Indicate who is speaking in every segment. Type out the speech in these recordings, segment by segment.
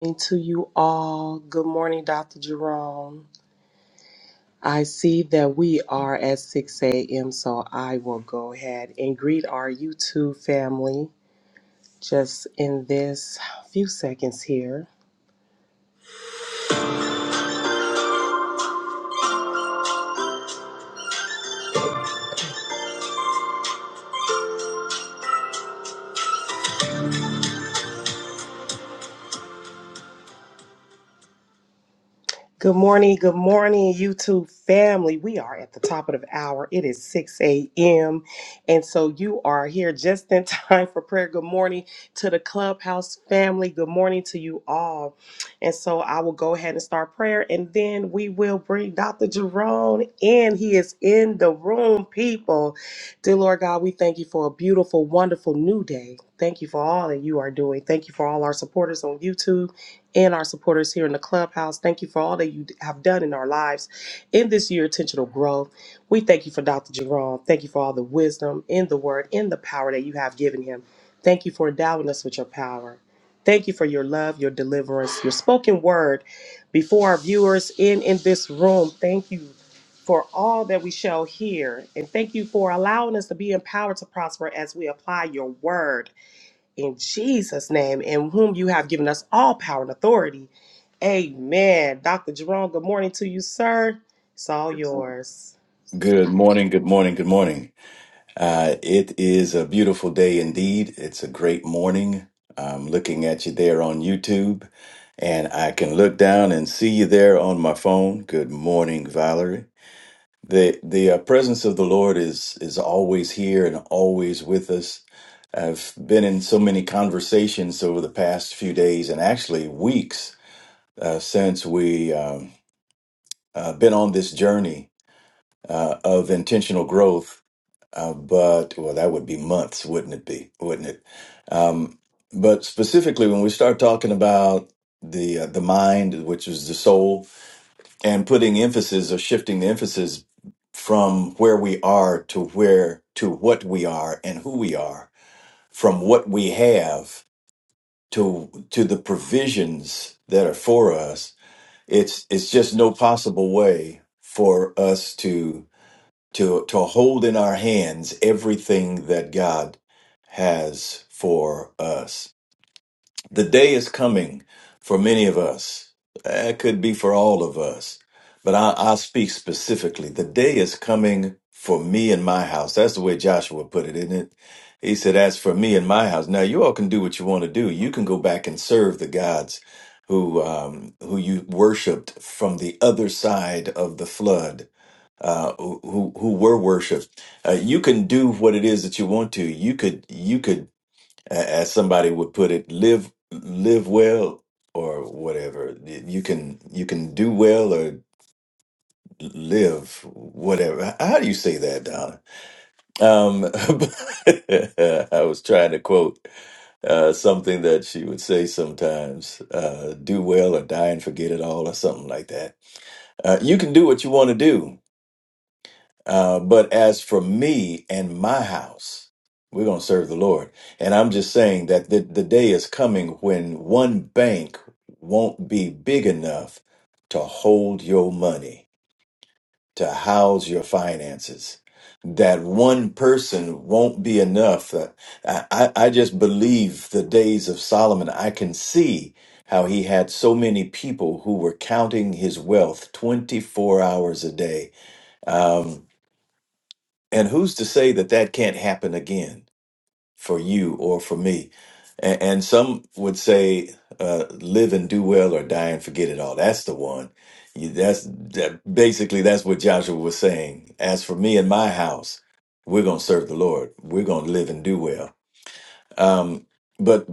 Speaker 1: morning to you all. Good morning, Dr. Jerome. I see that we are at 6 a.m., so I will go ahead and greet our YouTube family just in this few seconds here. Good morning, good morning, YouTube family. We are at the top of the hour. It is 6 a.m. And so you are here just in time for prayer. Good morning to the Clubhouse family. Good morning to you all. And so I will go ahead and start prayer and then we will bring Dr. Jerome in. He is in the room, people. Dear Lord God, we thank you for a beautiful, wonderful new day. Thank you for all that you are doing. Thank you for all our supporters on YouTube and our supporters here in the clubhouse. Thank you for all that you have done in our lives in this year, intentional growth. We thank you for Dr. Jerome. Thank you for all the wisdom in the word and the power that you have given him. Thank you for endowing us with your power. Thank you for your love, your deliverance, your spoken word before our viewers in in this room. Thank you for all that we shall hear and thank you for allowing us to be empowered to prosper as we apply your word in Jesus' name, in whom you have given us all power and authority. Amen. Dr. Jerome, good morning to you, sir. It's all yours.
Speaker 2: Good morning, good morning, good morning. Uh, it is a beautiful day indeed. It's a great morning. I'm looking at you there on YouTube, and I can look down and see you there on my phone. Good morning, Valerie. The the uh, presence of the Lord is is always here and always with us. I've been in so many conversations over the past few days and actually weeks uh, since we um, uh, been on this journey uh, of intentional growth uh, but well, that would be months, wouldn't it be? Wouldn't it? Um, but specifically, when we start talking about the uh, the mind, which is the soul, and putting emphasis or shifting the emphasis from where we are to where to what we are and who we are, from what we have to to the provisions that are for us, it's it's just no possible way for us to to to hold in our hands everything that God has for us. The day is coming for many of us. It could be for all of us, but I, I speak specifically. The day is coming for me and my house. That's the way Joshua put it, isn't it? He said, "As for me and my house, now you all can do what you want to do. You can go back and serve the gods who um, who you worshipped from the other side of the flood." uh, who who were worshipped. Uh, you can do what it is that you want to. You could you could, a- as somebody would put it, live live well or whatever. You can you can do well or live whatever. How do you say that, Donna? Um, I was trying to quote uh, something that she would say sometimes: uh, "Do well or die and forget it all," or something like that. Uh, you can do what you want to do Uh, but as for me and my house, we're going to serve the Lord. And I'm just saying that the, the day is coming when one bank won't be big enough to hold your money, to house your finances. That one person won't be enough. Uh, I, I I just believe the days of Solomon. I can see how he had so many people who were counting his wealth 24 hours a day. Um, and who's to say that that can't happen again for you or for me? And, and some would say, uh, live and do well or die and forget it all. That's the one. You, that's that, basically that's what Joshua was saying. As for me and my house, we're gonna serve the Lord. We're gonna live and do well. Um, but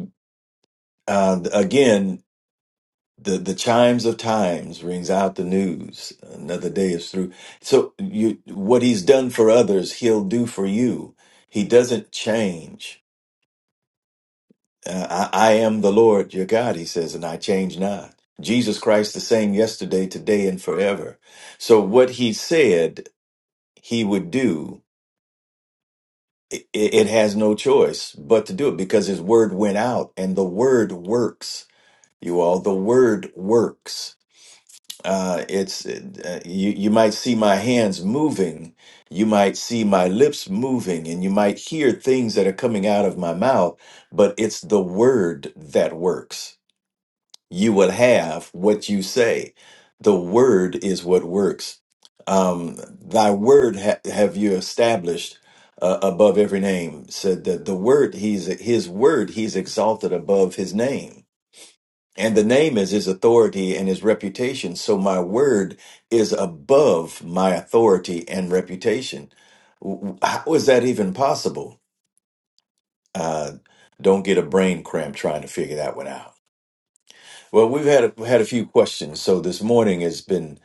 Speaker 2: uh, again, the the chimes of times rings out the news another day is through so you what he's done for others he'll do for you he doesn't change uh, I, I am the lord your god he says and i change not jesus christ the same yesterday today and forever so what he said he would do it, it has no choice but to do it because his word went out and the word works you all the word works uh, it's uh, you you might see my hands moving you might see my lips moving and you might hear things that are coming out of my mouth but it's the word that works you will have what you say the word is what works um, thy word ha- have you established uh, above every name said that the word he's his word he's exalted above his name and the name is his authority and his reputation. So my word is above my authority and reputation. W- How is that even possible? Uh, don't get a brain cramp trying to figure that one out. Well, we've had a, had a few questions. So this morning has been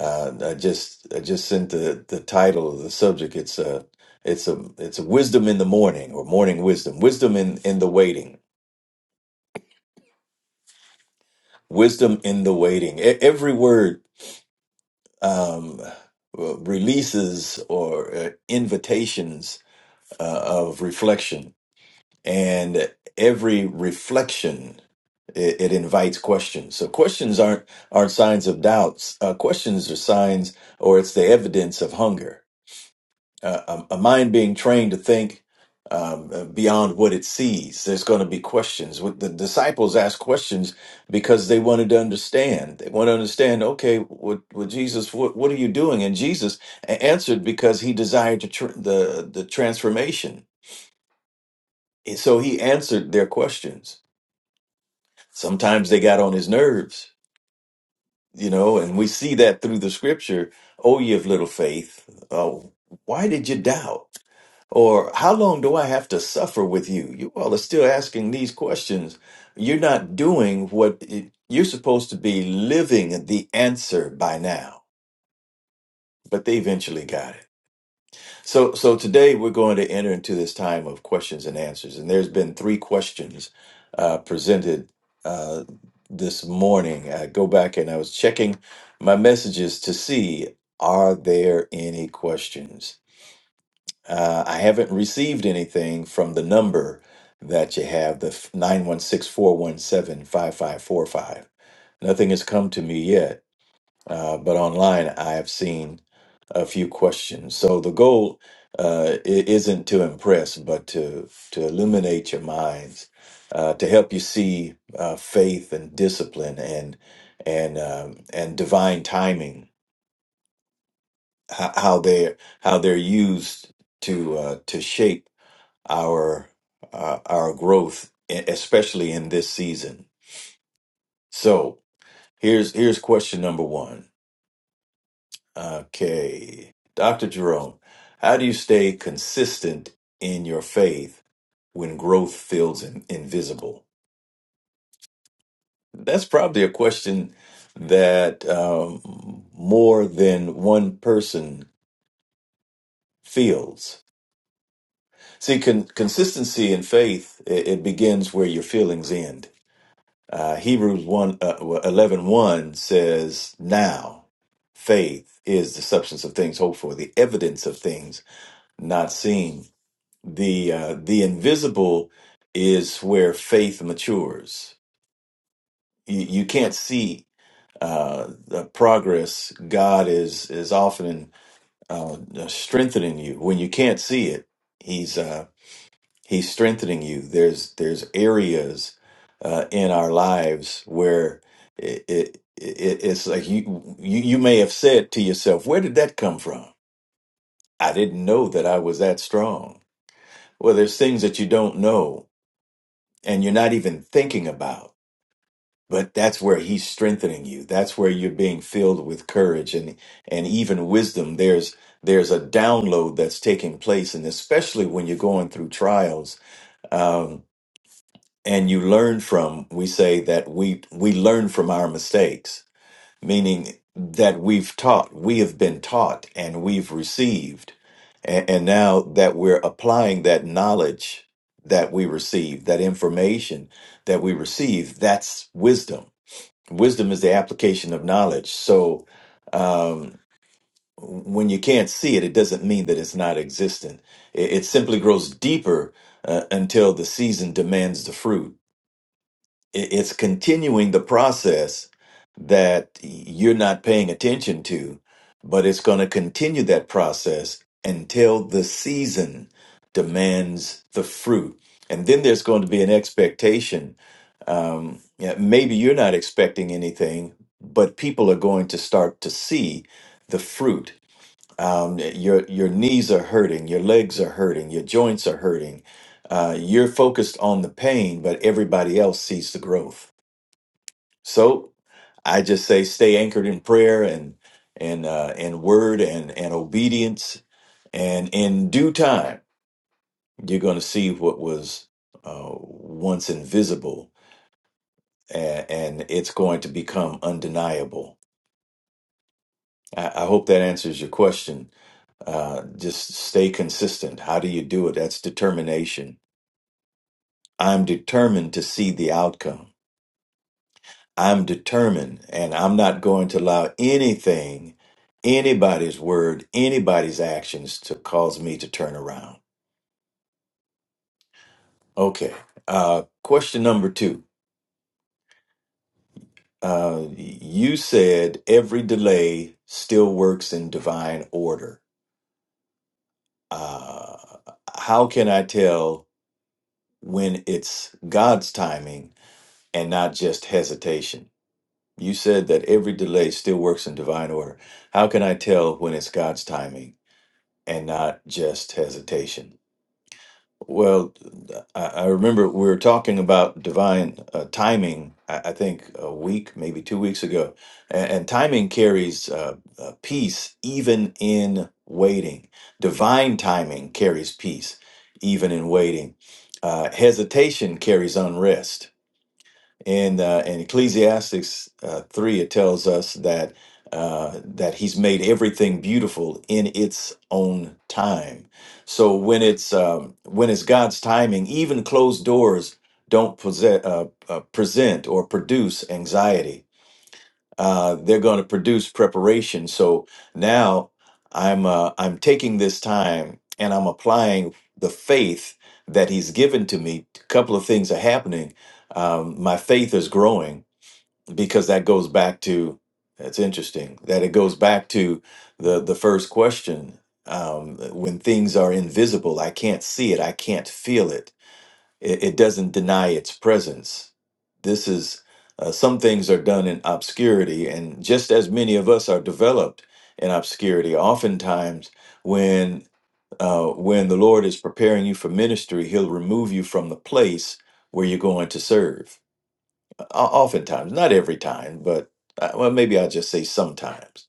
Speaker 2: uh, I just I just sent the, the title of the subject. It's a it's a it's a wisdom in the morning or morning wisdom, wisdom in in the waiting, wisdom in the waiting. E- every word um, uh, releases or uh, invitations uh, of reflection. And every reflection, it, it invites questions. So questions aren't aren't signs of doubts. Uh, questions are signs, or it's the evidence of hunger uh, a a mind being trained to think um, uh, beyond what it sees. There's going to be questions. What the disciples asked questions because they wanted to understand. They want to understand. Okay, what, what Jesus? What, what are you doing? And Jesus a- answered because he desired to tr- the the transformation. And So he answered their questions. Sometimes they got on his nerves you know, and we see that through the scripture. Oh, ye of little faith, oh, why did you doubt? Or how long do I have to suffer with you? You all are still asking these questions. You're not doing what it, you're supposed to be living the answer by now, but they eventually got it. So, so today we're going to enter into this time of questions and answers, and there's been three questions uh, presented uh, this morning. I go back and I was checking my messages to see are there any questions. Uh, I haven't received anything from the number that you have, the nine one six four one seven five five four five. Nothing has come to me yet uh, but online I have seen a few questions. So the goal uh, i- isn't to impress, but to to illuminate your minds, uh, to help you see uh, faith and discipline and and um, and divine timing how, how they how they're used to uh, to shape our uh, our growth, e- especially in this season. So here's here's question number one Okay. Dr. Jerome, how do you stay consistent in your faith when growth feels in, invisible? That's probably a question that um, more than one person feels. See, con- consistency in faith, it, it begins where your feelings end. Uh, Hebrews 1, uh, 11 says, Now faith is the substance of things hoped for, the evidence of things not seen the uh, the invisible is where faith matures. You, you can't see uh, the progress. God is is often uh, strengthening you when you can't see it. He's uh, he's strengthening you. There's there's areas uh, in our lives where it, it, it it's like you, you you may have said to yourself, "Where did that come from? I didn't know that I was that strong." Well, there's things that you don't know and you're not even thinking about. But that's where he's strengthening you. That's where you're being filled with courage and and even wisdom. There's there's a download that's taking place, and especially when you're going through trials, um, and you learn from. We say that we we learn from our mistakes meaning that we've taught, we have been taught, and we've received. And, and now that we're applying that knowledge that we receive, that information that we receive, that's wisdom. Wisdom is the application of knowledge. So um, when you can't see it, it doesn't mean that it's not existent. It, it simply grows deeper uh, until the season demands the fruit it- it's continuing the process that you're not paying attention to, but it's going to continue that process until the season demands the fruit. And then there's going to be an expectation. Um, yeah, maybe you're not expecting anything, but people are going to start to see the fruit. Um, your your knees are hurting, your legs are hurting, your joints are hurting. Uh, you're focused on the pain, but everybody else sees the growth. So I just say stay anchored in prayer and and uh, and word and and obedience, and in due time you're going to see what was uh, once invisible, and, and it's going to become undeniable. I, I hope that answers your question. Uh, just stay consistent. How do you do it? That's determination. I'm determined to see the outcome. I'm determined and I'm not going to allow anything, anybody's word, anybody's actions to cause me to turn around. Okay. Uh, question number two. Uh, you said every delay still works in divine order. Uh, how can I tell when it's God's timing and not just hesitation? You said that every delay still works in divine order. How can I tell when it's God's timing and not just hesitation. Well, I, I remember we were talking about divine uh, timing, I, I think a week, maybe two weeks ago. And, and timing carries uh, uh, peace even in waiting. Divine timing carries peace even in waiting. Uh, hesitation carries unrest in uh, in Ecclesiastes uh, three, it tells us that uh, that He's made everything beautiful in its own time. So when it's um, when it's God's timing, even closed doors don't possess, uh, uh, present or produce anxiety uh, they're going to produce preparation. So now I'm uh, I'm taking this time and I'm applying the faith that He's given to me. A couple of things are happening. Um, my faith is growing because that goes back to that's interesting that it goes back to the the first question. Um, when things are invisible, I can't see it, I can't feel it it, it doesn't deny its presence. This is uh, some things are done in obscurity, and just as many of us are developed in obscurity, oftentimes when uh, when the Lord is preparing you for ministry, He'll remove you from the place where you're going to serve. O- Oftentimes, not every time, but uh, well, maybe I'll just say sometimes.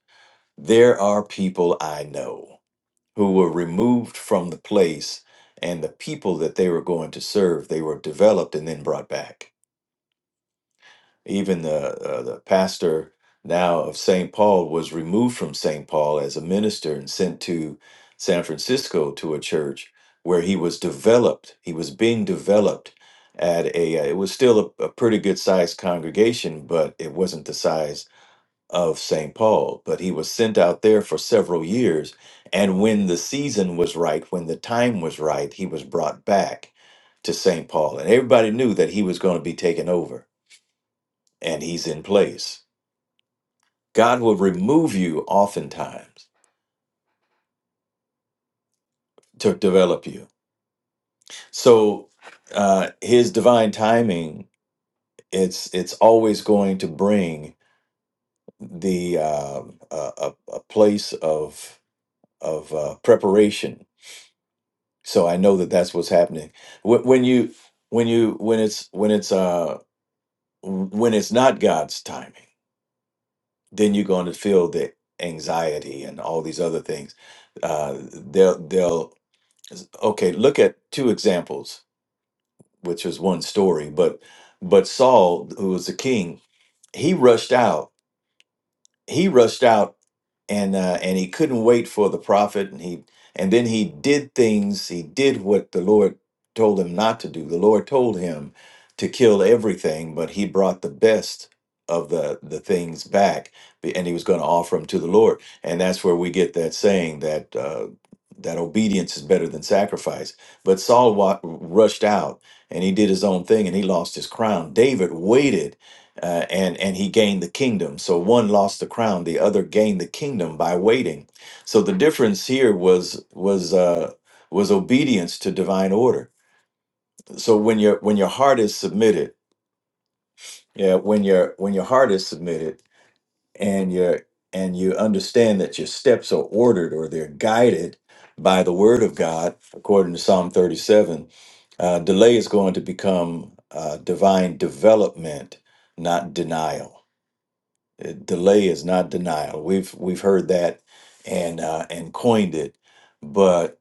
Speaker 2: There are people I know who were removed from the place and the people that they were going to serve. They were developed and then brought back. Even the uh, the pastor now of St. Paul was removed from St. Paul as a minister and sent to San Francisco to a church where he was developed. He was being developed at a. uh, It was still a, a pretty good sized congregation, but it wasn't the size of St. Paul, but he was sent out there for several years. And when the season was right, when the time was right, he was brought back to St. Paul. And everybody knew that he was going to be taken over, and he's in place. God will remove you oftentimes to develop you. So uh, his divine timing, it's it's always going to bring the uh, a, a a place of of uh, preparation so i know that that's what's happening Wh- when you when you when it's when it's uh when it's not god's timing then you're going to feel the anxiety and all these other things uh they'll they'll okay look at two examples which is one story but but saul who was the king he rushed out he rushed out and uh, and he couldn't wait for the prophet and he and then he did things he did what the lord told him not to do the lord told him to kill everything but he brought the best of the the things back be- and he was going to offer them to the lord and that's where we get that saying that uh that obedience is better than sacrifice. But Saul wa- rushed out and he did his own thing and he lost his crown. David waited uh, and and he gained the kingdom. So one lost the crown, the other gained the kingdom by waiting. So the difference here was was uh, was obedience to divine order. So when your when your heart is submitted, yeah, when your when your heart is submitted, and your and you understand that your steps are ordered or they're guided by the word of God, according to Psalm thirty seven. Uh, delay is going to become uh, divine development, not denial. Uh, Delay is not denial. We've we've heard that and uh, and coined it, but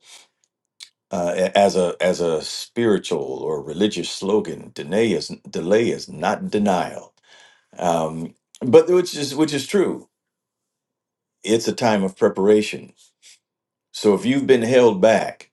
Speaker 2: uh, a- as a as a spiritual or religious slogan, delay is delay is not denial. Um, but which is which is true. It's a time of preparation. So if you've been held back,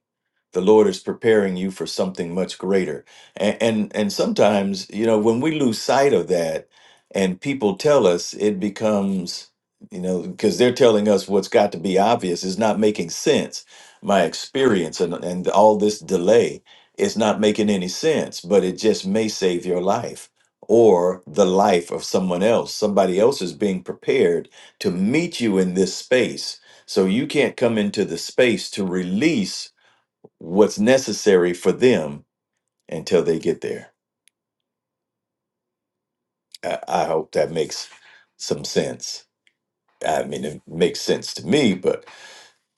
Speaker 2: the lord is preparing you for something much greater and and, and sometimes you know when we lose sight of that and people tell us it becomes you know because they're telling us what's got to be obvious is not making sense my experience and, and all this delay is not making any sense but it just may save your life or the life of someone else somebody else is being prepared to meet you in this space so you can't come into the space to release what's necessary for them until they get there. I, I hope that makes some sense. I mean, it makes sense to me, but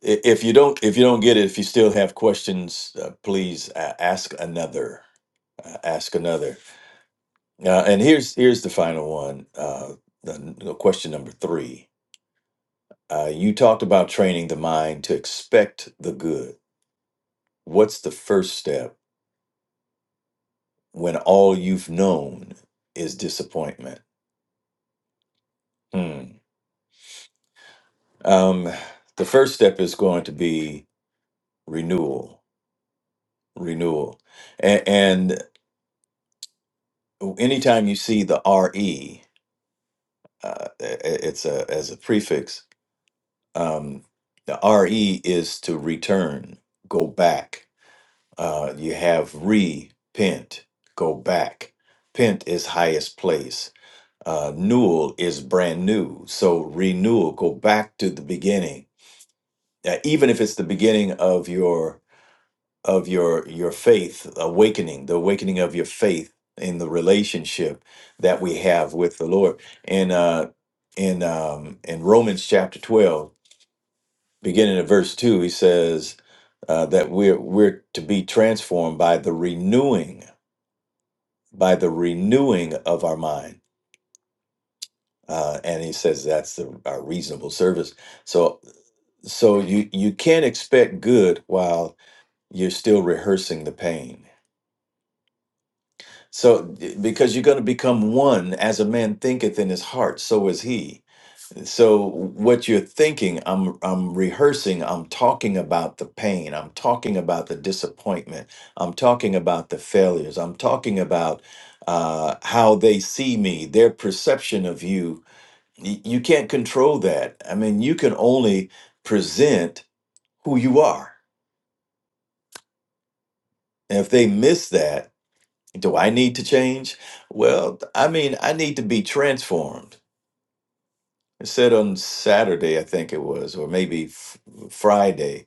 Speaker 2: i- if you don't, if you don't get it, if you still have questions, uh, please uh, ask another. Uh, ask another. Uh, and here's here's the final one. Uh, the, the question number three. Uh, you talked about training the mind to expect the good. What's the first step when all you've known is disappointment? Hmm. Um, the first step is going to be renewal, renewal, and, and anytime you see the re, uh, i- i- it's a as a prefix. Um, the re is to return, go back. Uh, you have repent, go back. Pent is highest place. Uh, newel is brand new. So renewal, go back to the beginning. Uh, even if it's the beginning of your of your your faith awakening the awakening of your faith in the relationship that we have with the lord and uh in um in romans chapter 12 beginning at verse 2 he says uh, that we're we're to be transformed by the renewing by the renewing of our mind uh, and he says that's the, our reasonable service so so you you can't expect good while you're still rehearsing the pain So, eh, because you're going to become one, as a man thinketh in his heart, so is he. So, what you're thinking, I'm, I'm rehearsing, I'm talking about the pain, I'm talking about the disappointment, I'm talking about the failures, I'm talking about uh, how they see me, their perception of you. Y- You can't control that. I mean, you can only present who you are. And if they miss that, Do I need to change? Well, I mean, I need to be transformed. I said on Saturday, I think it was, or maybe f- Friday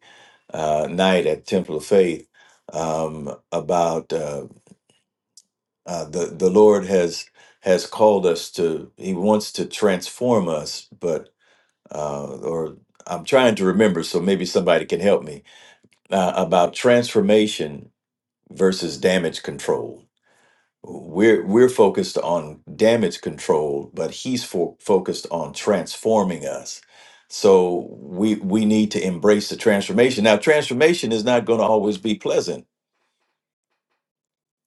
Speaker 2: uh, night at Temple of Faith um, about uh, uh, the the Lord has has called us to. He wants to transform us, but uh, or I'm trying to remember, so maybe somebody can help me uh, about transformation versus damage control We're we're focused on damage control, but he's fo- focused on transforming us. So we we need to embrace the transformation. Now, transformation is not going to always be pleasant.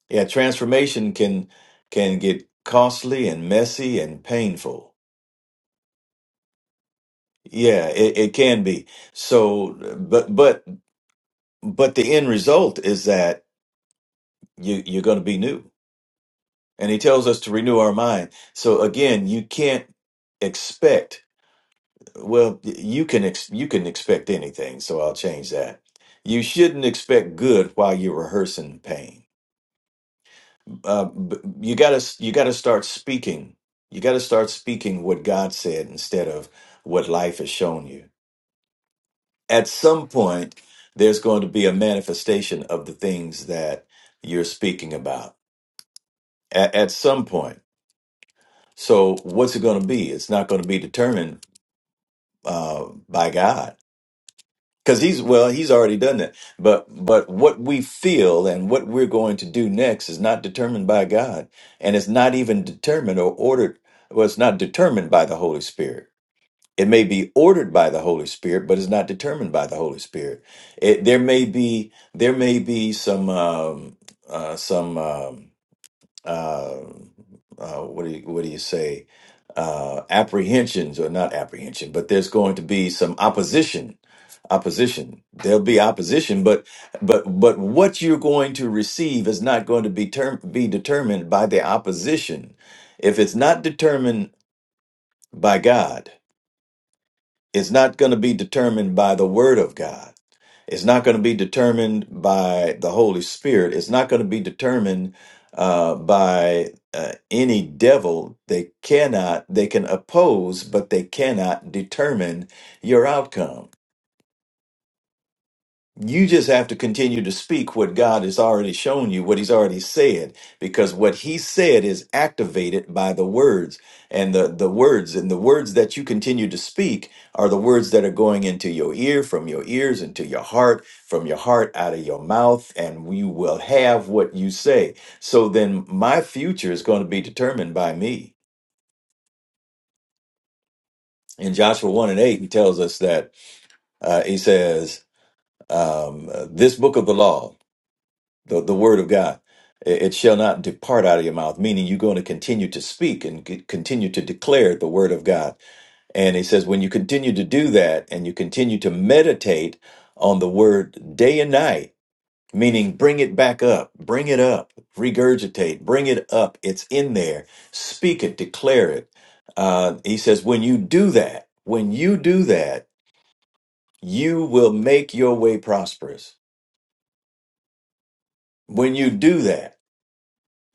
Speaker 2: Yeah, transformation can can get costly and messy and painful. Yeah, it, it can be. So, but but but the end result is that you you're going to be new. And he tells us to renew our mind. So again, you can't expect Well, you can ex you can expect anything, so I'll change that. You shouldn't expect good while you're rehearsing pain. Uh, b- you gotta you gotta start speaking. You gotta start speaking what God said instead of what life has shown you. At some point, there's going to be a manifestation of the things that you're speaking about. At, at some point. So what's it going to be? It's not going to be determined uh, by God Because he's well, he's already done that. But but what we feel and what we're going to do next is not determined by God, and it's not even determined or ordered. Well, it's not determined by the Holy Spirit. It may be ordered by the Holy Spirit, but it's not determined by the Holy Spirit. It, there may be there may be some um, uh, some. Um, uh, uh, what do you what do you say uh, apprehensions or not apprehension, but there's going to be some opposition. Opposition. There'll be opposition, but but but what you're going to receive is not going to be term, be determined by the opposition. If it's not determined by God, it's not going to be determined by the Word of God it's not going to be determined by the Holy Spirit. It's not going to be determined uh, by uh, any devil. They cannot, they can oppose, but they cannot determine your outcome. You just have to continue to speak what God has already shown you, what He's already said, because what He said is activated by the words and the, the words and the words that you continue to speak are the words that are going into your ear, from your ears into your heart, from your heart out of your mouth, and you will have what you say. So then my future is going to be determined by me. In Joshua 1 and 8, he tells us that, uh, he says, um, this book of the law. the, the word of God. It it shall not depart out of your mouth, meaning you're going to continue to speak and c- continue to declare the word of God. And he says, when you continue to do that and you continue to meditate on the word day and night, meaning bring it back up, bring it up, regurgitate, bring it up. It's in there. Speak it, declare it. Uh, he says, when you do that, when you do that, you will make your way prosperous. When you do that,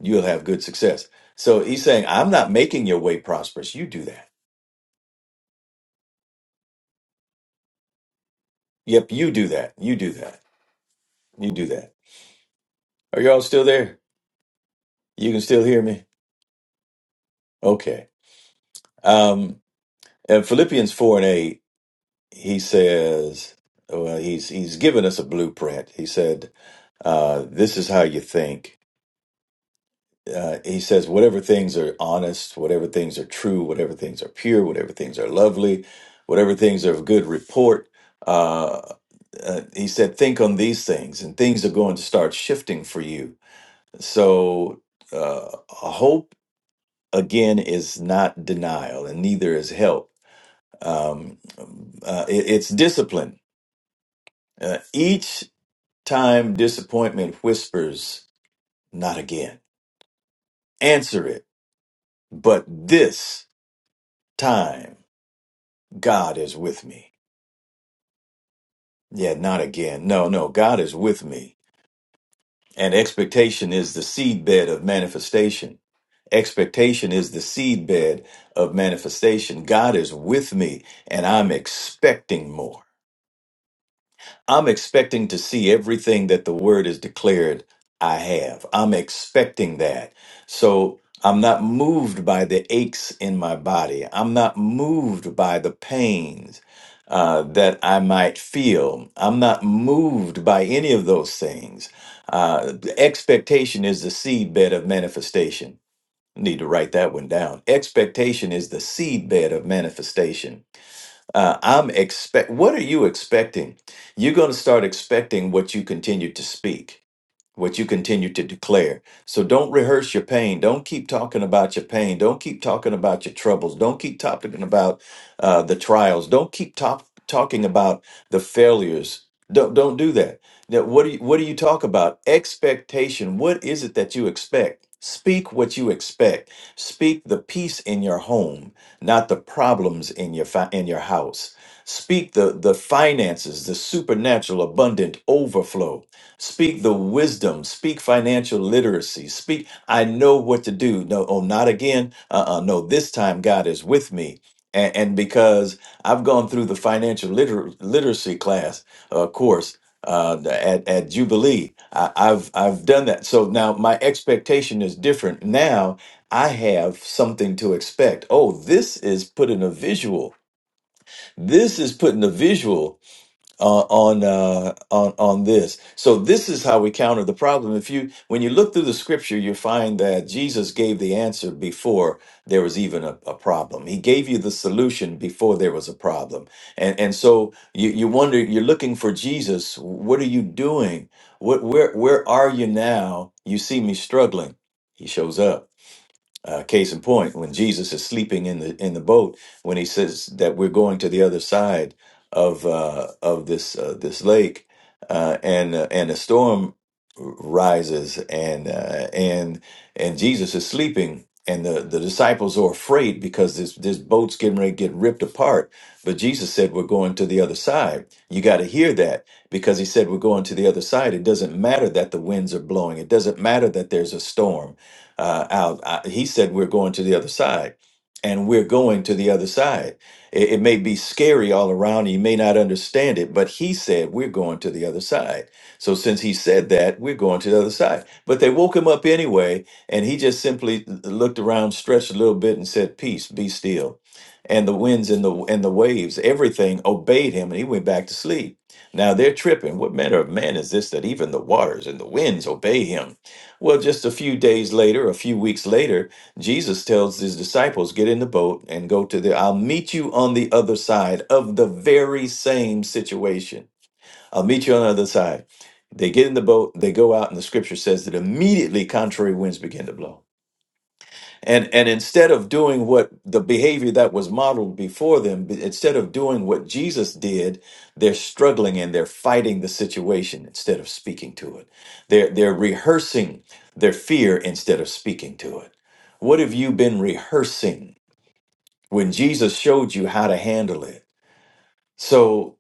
Speaker 2: You'll have good success. So he's saying, I'm not making your way prosperous. You do that. Yep, you do that. You do that. You do that. Are y'all still there? You can still hear me? Okay. Um, in Philippians 4 and 8, he says, well, he's, he's given us a blueprint. He said, uh, this is how you think. Uh, he says, whatever things are honest, whatever things are true, whatever things are pure, whatever things are lovely, whatever things are of good report, uh, uh, he said, think on these things, and things are going to start shifting for you. So, uh, hope again is not denial, and neither is help. Um, uh, it- it's discipline. Uh, each time disappointment whispers, not again. Answer it, but this time, God is with me. Yeah, not again. No, no, God is with me And expectation is the seedbed of manifestation. Expectation is the seedbed of manifestation. God is with me and I'm expecting more. I'm expecting to see everything that the word is declared I have. I'm expecting that. So I'm not moved by the aches in my body. I'm not moved by the pains uh, that I might feel. I'm not moved by any of those things. Uh, the expectation is the seedbed of manifestation. Need to write that one down. Expectation is the seedbed of manifestation. Uh, I'm expect. What are you expecting? You're going to start expecting what you continue to speak what you continue to declare. So don't rehearse your pain. Don't keep talking about your pain. Don't keep talking about your troubles. Don't keep talking about uh, the trials. Don't keep top, talking about the failures. Don't don't do that. Now, what do you, what do you talk about? Expectation. What is it that you expect? Speak what you expect. Speak the peace in your home, not the problems in your fi- in your house. Speak the the finances, the supernatural, abundant overflow Speak the wisdom, speak financial literacy, speak, I know what to do. No, oh, not again. Uh uh no, this time God is with me. And, and because I've gone through the financial liter- literacy class, uh, course, uh, at, at Jubilee, I, I've, I've done that. So now my expectation is different. Now I have something to expect. Oh, this is putting a visual. This is putting a visual on on uh, on on this. So this is how we counter the problem. If you when you look through the scripture, you find that Jesus gave the answer before there was even a, a problem. He gave you the solution before there was a problem. And and so you you wonder you're looking for Jesus. What are you doing? What where where are you now? You see me struggling. He shows up. Uh, case in point, when Jesus is sleeping in the in the boat, when he says that we're going to the other side of uh, of this uh, this lake, uh, and uh, and a storm rises, and uh, and and Jesus is sleeping, and the, the disciples are afraid because this this boat's getting ready to get ripped apart. But Jesus said, "We're going to the other side." You got to hear that because he said, "We're going to the other side." It doesn't matter that the winds are blowing. It doesn't matter that there's a storm uh, out. I, he said, We're going to the other side. And we're going to the other side. It, it may be scary all around. You may not understand it, but he said, We're going to the other side. So since he said that, we're going to the other side. But they woke him up anyway. And he just simply looked around, stretched a little bit, and said, Peace, be still. And the winds and the and the waves, everything obeyed him, and he went back to sleep. Now they're tripping. What manner of man is this that even the waters and the winds obey him? Well, just a few days later, a few weeks later, Jesus tells his disciples, Get in the boat and go to the, I'll meet you on the other side of the very same situation. I'll meet you on the other side. They get in the boat, they go out, and the scripture says that immediately contrary winds begin to blow and and instead of doing what the behavior that was modeled before them b- instead of doing what jesus did they're struggling and they're fighting the situation instead of speaking to it they're they're rehearsing their fear instead of speaking to it what have you been rehearsing when jesus showed you how to handle it so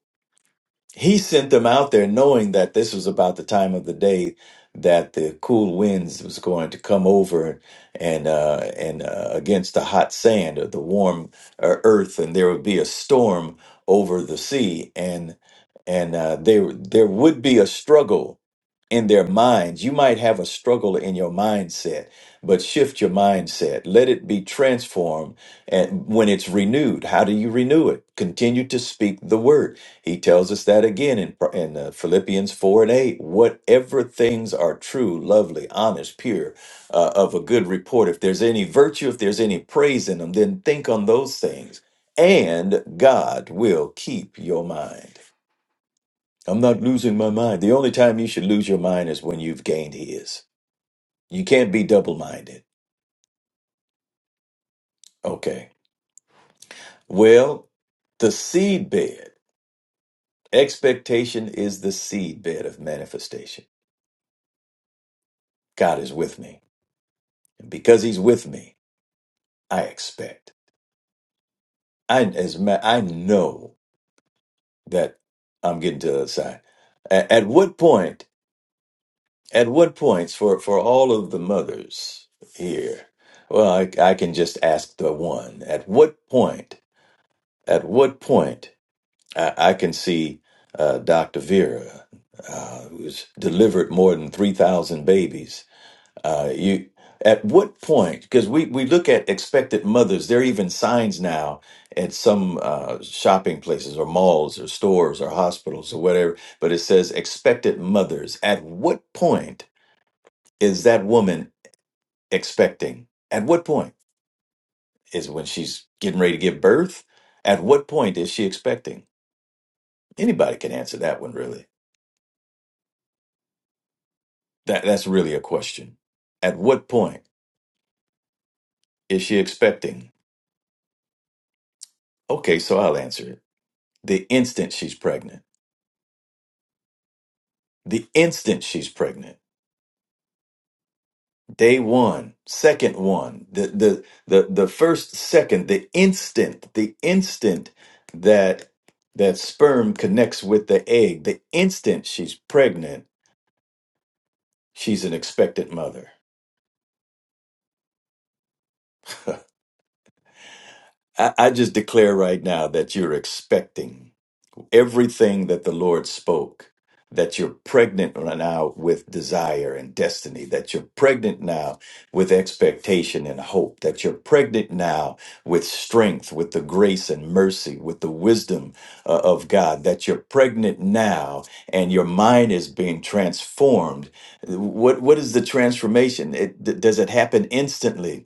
Speaker 2: he sent them out there knowing that this was about the time of the day that the cool winds was going to come over and uh, and uh, against the hot sand or the warm uh, earth, and there would be a storm over the sea, and and uh, there there would be a struggle in their minds. You might have a struggle in your mindset, but shift your mindset. Let it be transformed and when it's renewed. How do you renew it? Continue to speak the word. He tells us that again in, in uh, Philippians 4 and 8. Whatever things are true, lovely, honest, pure, uh, of a good report, if there's any virtue, if there's any praise in them, then think on those things. And God will keep your mind. I'm not losing my mind. The only time you should lose your mind is when you've gained his. You can't be double minded. Okay. Well, the seed bed, expectation is the seed bed of manifestation. God is with me. And because he's with me, I expect. I, as ma- I know that I'm getting to the other side. A- at what point, at what points for, for all of the mothers here, well, I, I can just ask the one. At what point At what point I, I can see uh, Dr. Vera, uh, who's delivered more than 3,000 babies. Uh, you, at what point? Because we, we look at expected mothers, there are even signs now at some uh, shopping places or malls or stores or hospitals or whatever, but it says expected mothers. At what point is that woman expecting? At what point? Is it when she's getting ready to give birth? At what point is she expecting? Anybody can answer that one, really. That that's really a question. At what point is she expecting? Okay, so I'll answer it. The instant she's pregnant. The instant she's pregnant. Day one, second one, the the the the first second, the instant, the instant that that sperm connects with the egg, the instant she's pregnant, she's an expectant mother. I, I just declare right now that you're expecting. everything that the Lord spoke, that you're pregnant right now with desire and destiny, that you're pregnant now with expectation and hope, that you're pregnant now with strength, with the grace and mercy, with the wisdom uh, of God, that you're pregnant now and your mind is being transformed. What, what is the transformation? It, d- does it happen instantly?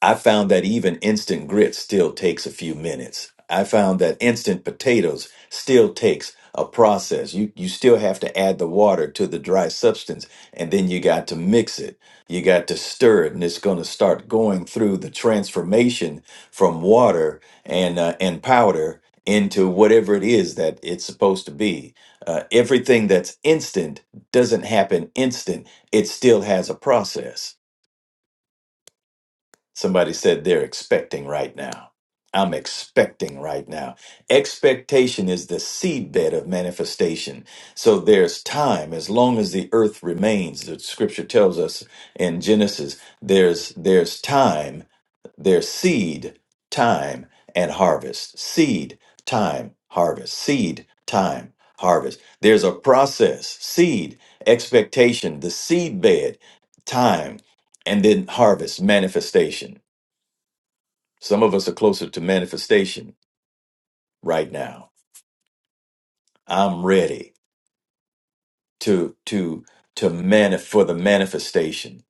Speaker 2: I found that even instant grits still takes a few minutes. I found that instant potatoes still takes a process. You you still have to add the water to the dry substance and then you got to mix it. You got to stir it and it's going to start going through the transformation from water and uh, and powder into whatever it is that it's supposed to be. Uh, everything that's instant doesn't happen instant. It still has a process Somebody said they're expecting right now. I'm expecting right now. Expectation is the seedbed of manifestation. So there's time as long as the earth remains. The scripture tells us in Genesis, there's there's time, there's seed, time and harvest. Seed, time, harvest. Seed, time, harvest. There's a process. Seed, expectation, the seedbed, time, and then harvest, manifestation. Some of us are closer to manifestation right now. I'm ready to to to manif- for the manifestation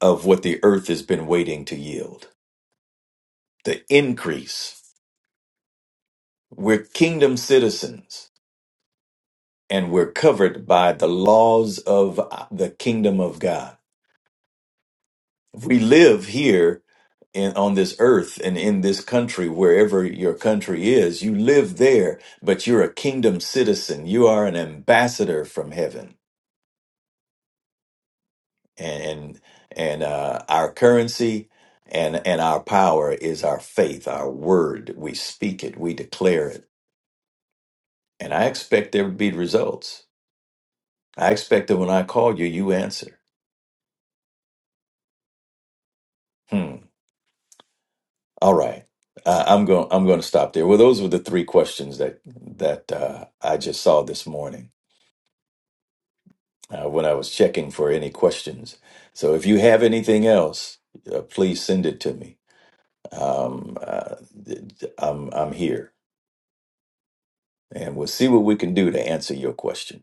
Speaker 2: of what the earth has been waiting to yield. The increase. We're kingdom citizens and we're covered by the laws of uh, the kingdom of God. We live here in, on this earth and in this country, wherever your country is, you live there, but you're a kingdom citizen. You are an ambassador from heaven and and, and uh, our currency and and our power is our faith, our word. We speak it, we declare it, and I expect there to be results. I expect that when I call you, you answer. Hmm. All right, uh, I'm going. I'm going to stop there. Well, those were the three questions that that uh, I just saw this morning uh, when I was checking for any questions. So if you have anything else, uh, please send it to me. Um, uh, th- th- I'm I'm here. And we'll see what we can do to answer your question.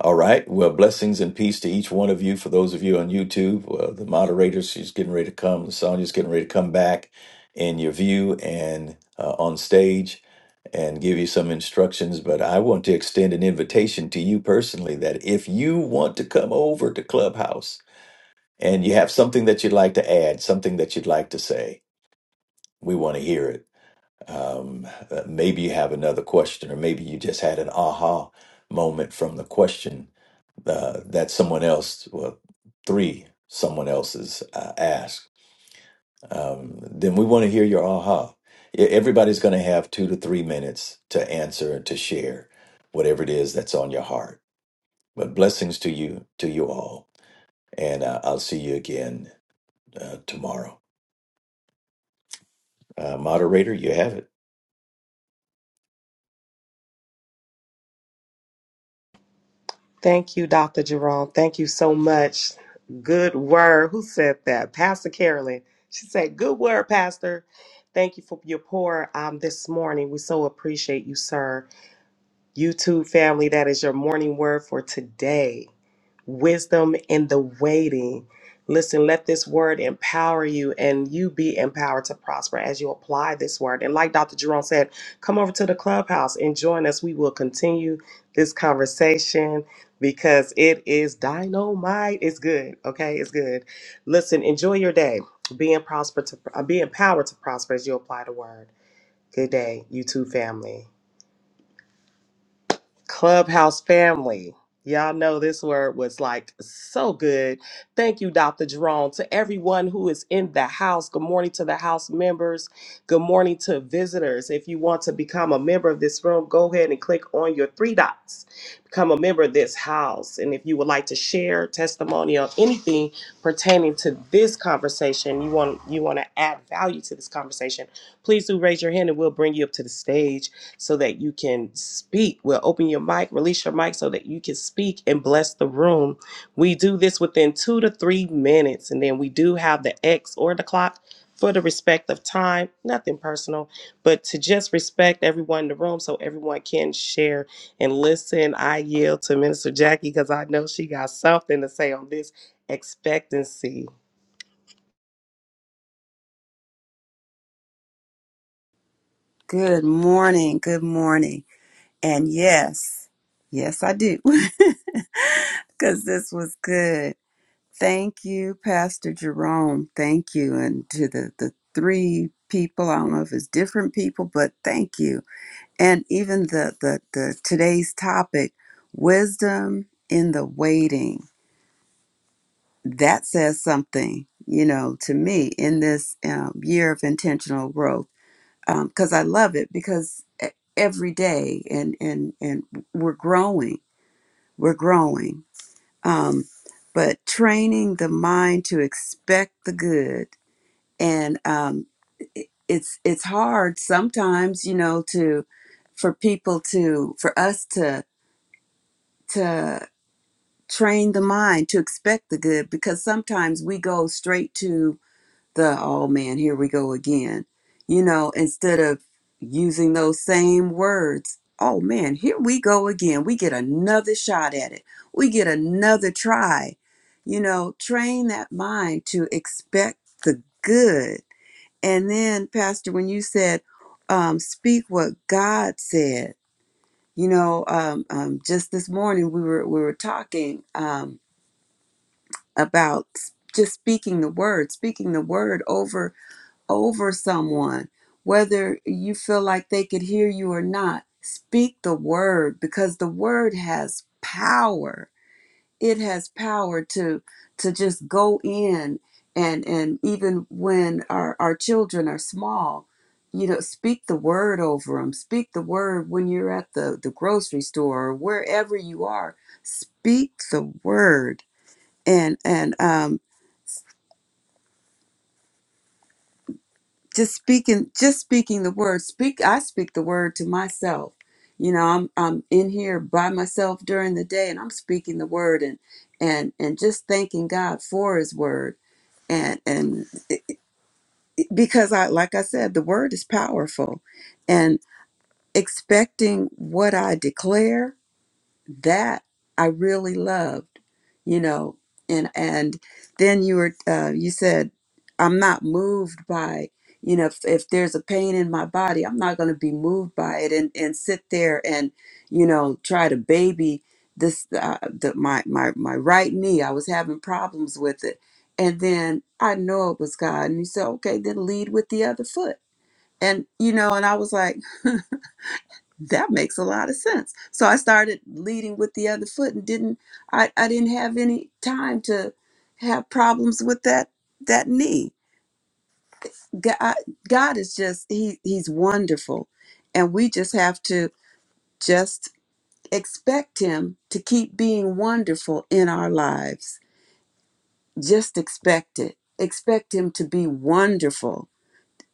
Speaker 2: All right. Well, blessings and peace to each one of you. For those of you on YouTube, uh, the moderator, she's getting ready to come. Sonia's getting ready to come back in your view and uh, on stage and give you some instructions. But I want to extend an invitation to you personally that if you want to come over to Clubhouse and you have something that you'd like to add, something that you'd like to say, we want to hear it. um, uh, maybe you have another question, or maybe you just had an aha moment from the question uh, that someone else, well, three someone else's uh, asked. Um, then we want to hear your aha. E- Everybody's going to have two to three minutes to answer and to share whatever it is that's on your heart. But blessings to you, to you all, and uh, I'll see you again uh, tomorrow. Uh, moderator, you have it.
Speaker 1: Thank you, Dr. Jerome. Thank you so much. Good word. Who said that? Pastor Carolyn. She said, Good word, Pastor. Thank you for your pour um, this morning. We so appreciate you, sir. You too, family. That is your morning word for today. wisdom in the waiting. Listen, let this word empower you and you be empowered to prosper as you apply this word. And like Dr. Jerome said, come over to the clubhouse and join us. We will continue this conversation because it is dynamite. It's good. Okay, it's good. Listen, enjoy your day. Be, in prosper to, uh, be empowered to prosper as you apply the word. Good day, you too, family. Clubhouse family. Y'all know this word was like so good. Thank you, Dr. Jerome. To everyone who is in the house, good morning to the house members. Good morning to visitors. If you want to become a member of this room, go ahead and click on your three dots. Become a member of this house. And if you would like to share testimony or anything pertaining to this conversation, you want you want to add value to this conversation, please do raise your hand and we'll bring you up to the stage so that you can speak. We'll open your mic, release your mic so that you can speak and bless the room. We do this within two to three minutes, and then we do have the X or the clock for the respect of time. Nothing personal, but to just respect everyone in the room so everyone can share and listen. I yield to Minister Jackie because I know she got something to say on this expectancy.
Speaker 3: Good morning. Good morning. And yes, yes, I do, because this was good. Thank you, Pastor Jerome. Thank you. And to the, the three people, I don't know if it's different people, but thank you. And even the, the, the today's topic, wisdom in the waiting, that says something, you know, to me in this um, year of intentional growth because I love it because e- every day and and and we're growing, we're growing. Um, but training the mind to expect the good, and um, it, it's it's hard sometimes, you know, to for people to for us to to train the mind to expect the good because sometimes we go straight to the oh man, here we go again. You know, instead of using those same words, oh man, here we go again. We get another shot at it, we get another try. You know, train that mind to expect the good. And then, Pastor, when you said, um, speak what God said, you know, um, um, just this morning we were we were talking um, about s- just speaking the word, speaking the word over over someone, whether you feel like they could hear you or not. Speak the word because the word has power. It has power to to just go in and and even when our, our children are small, you know, speak the word over them. Speak the word when you're at the, the grocery store or wherever you are. Speak the word. And and um just speaking just speaking the word speak i speak the word to myself you know i'm i'm in here by myself during the day and i'm speaking the word and and and just thanking god for his word and and because i like i said the word is powerful and expecting what i declare that I really loved, you know, and and then you were uh, you said I'm not moved by you know if, if there's a pain in my body I'm not going to be moved by it and and sit there and you know try to baby this uh, the my my my right knee I was having problems with it and then I know it was God and he said okay then lead with the other foot and you know and I was like that makes a lot of sense. So I started leading with the other foot and didn't I, I didn't have any time to have problems with that that knee. God, God is just he he's wonderful and we just have to just expect him to keep being wonderful in our lives. Just expect it. Expect him to be wonderful.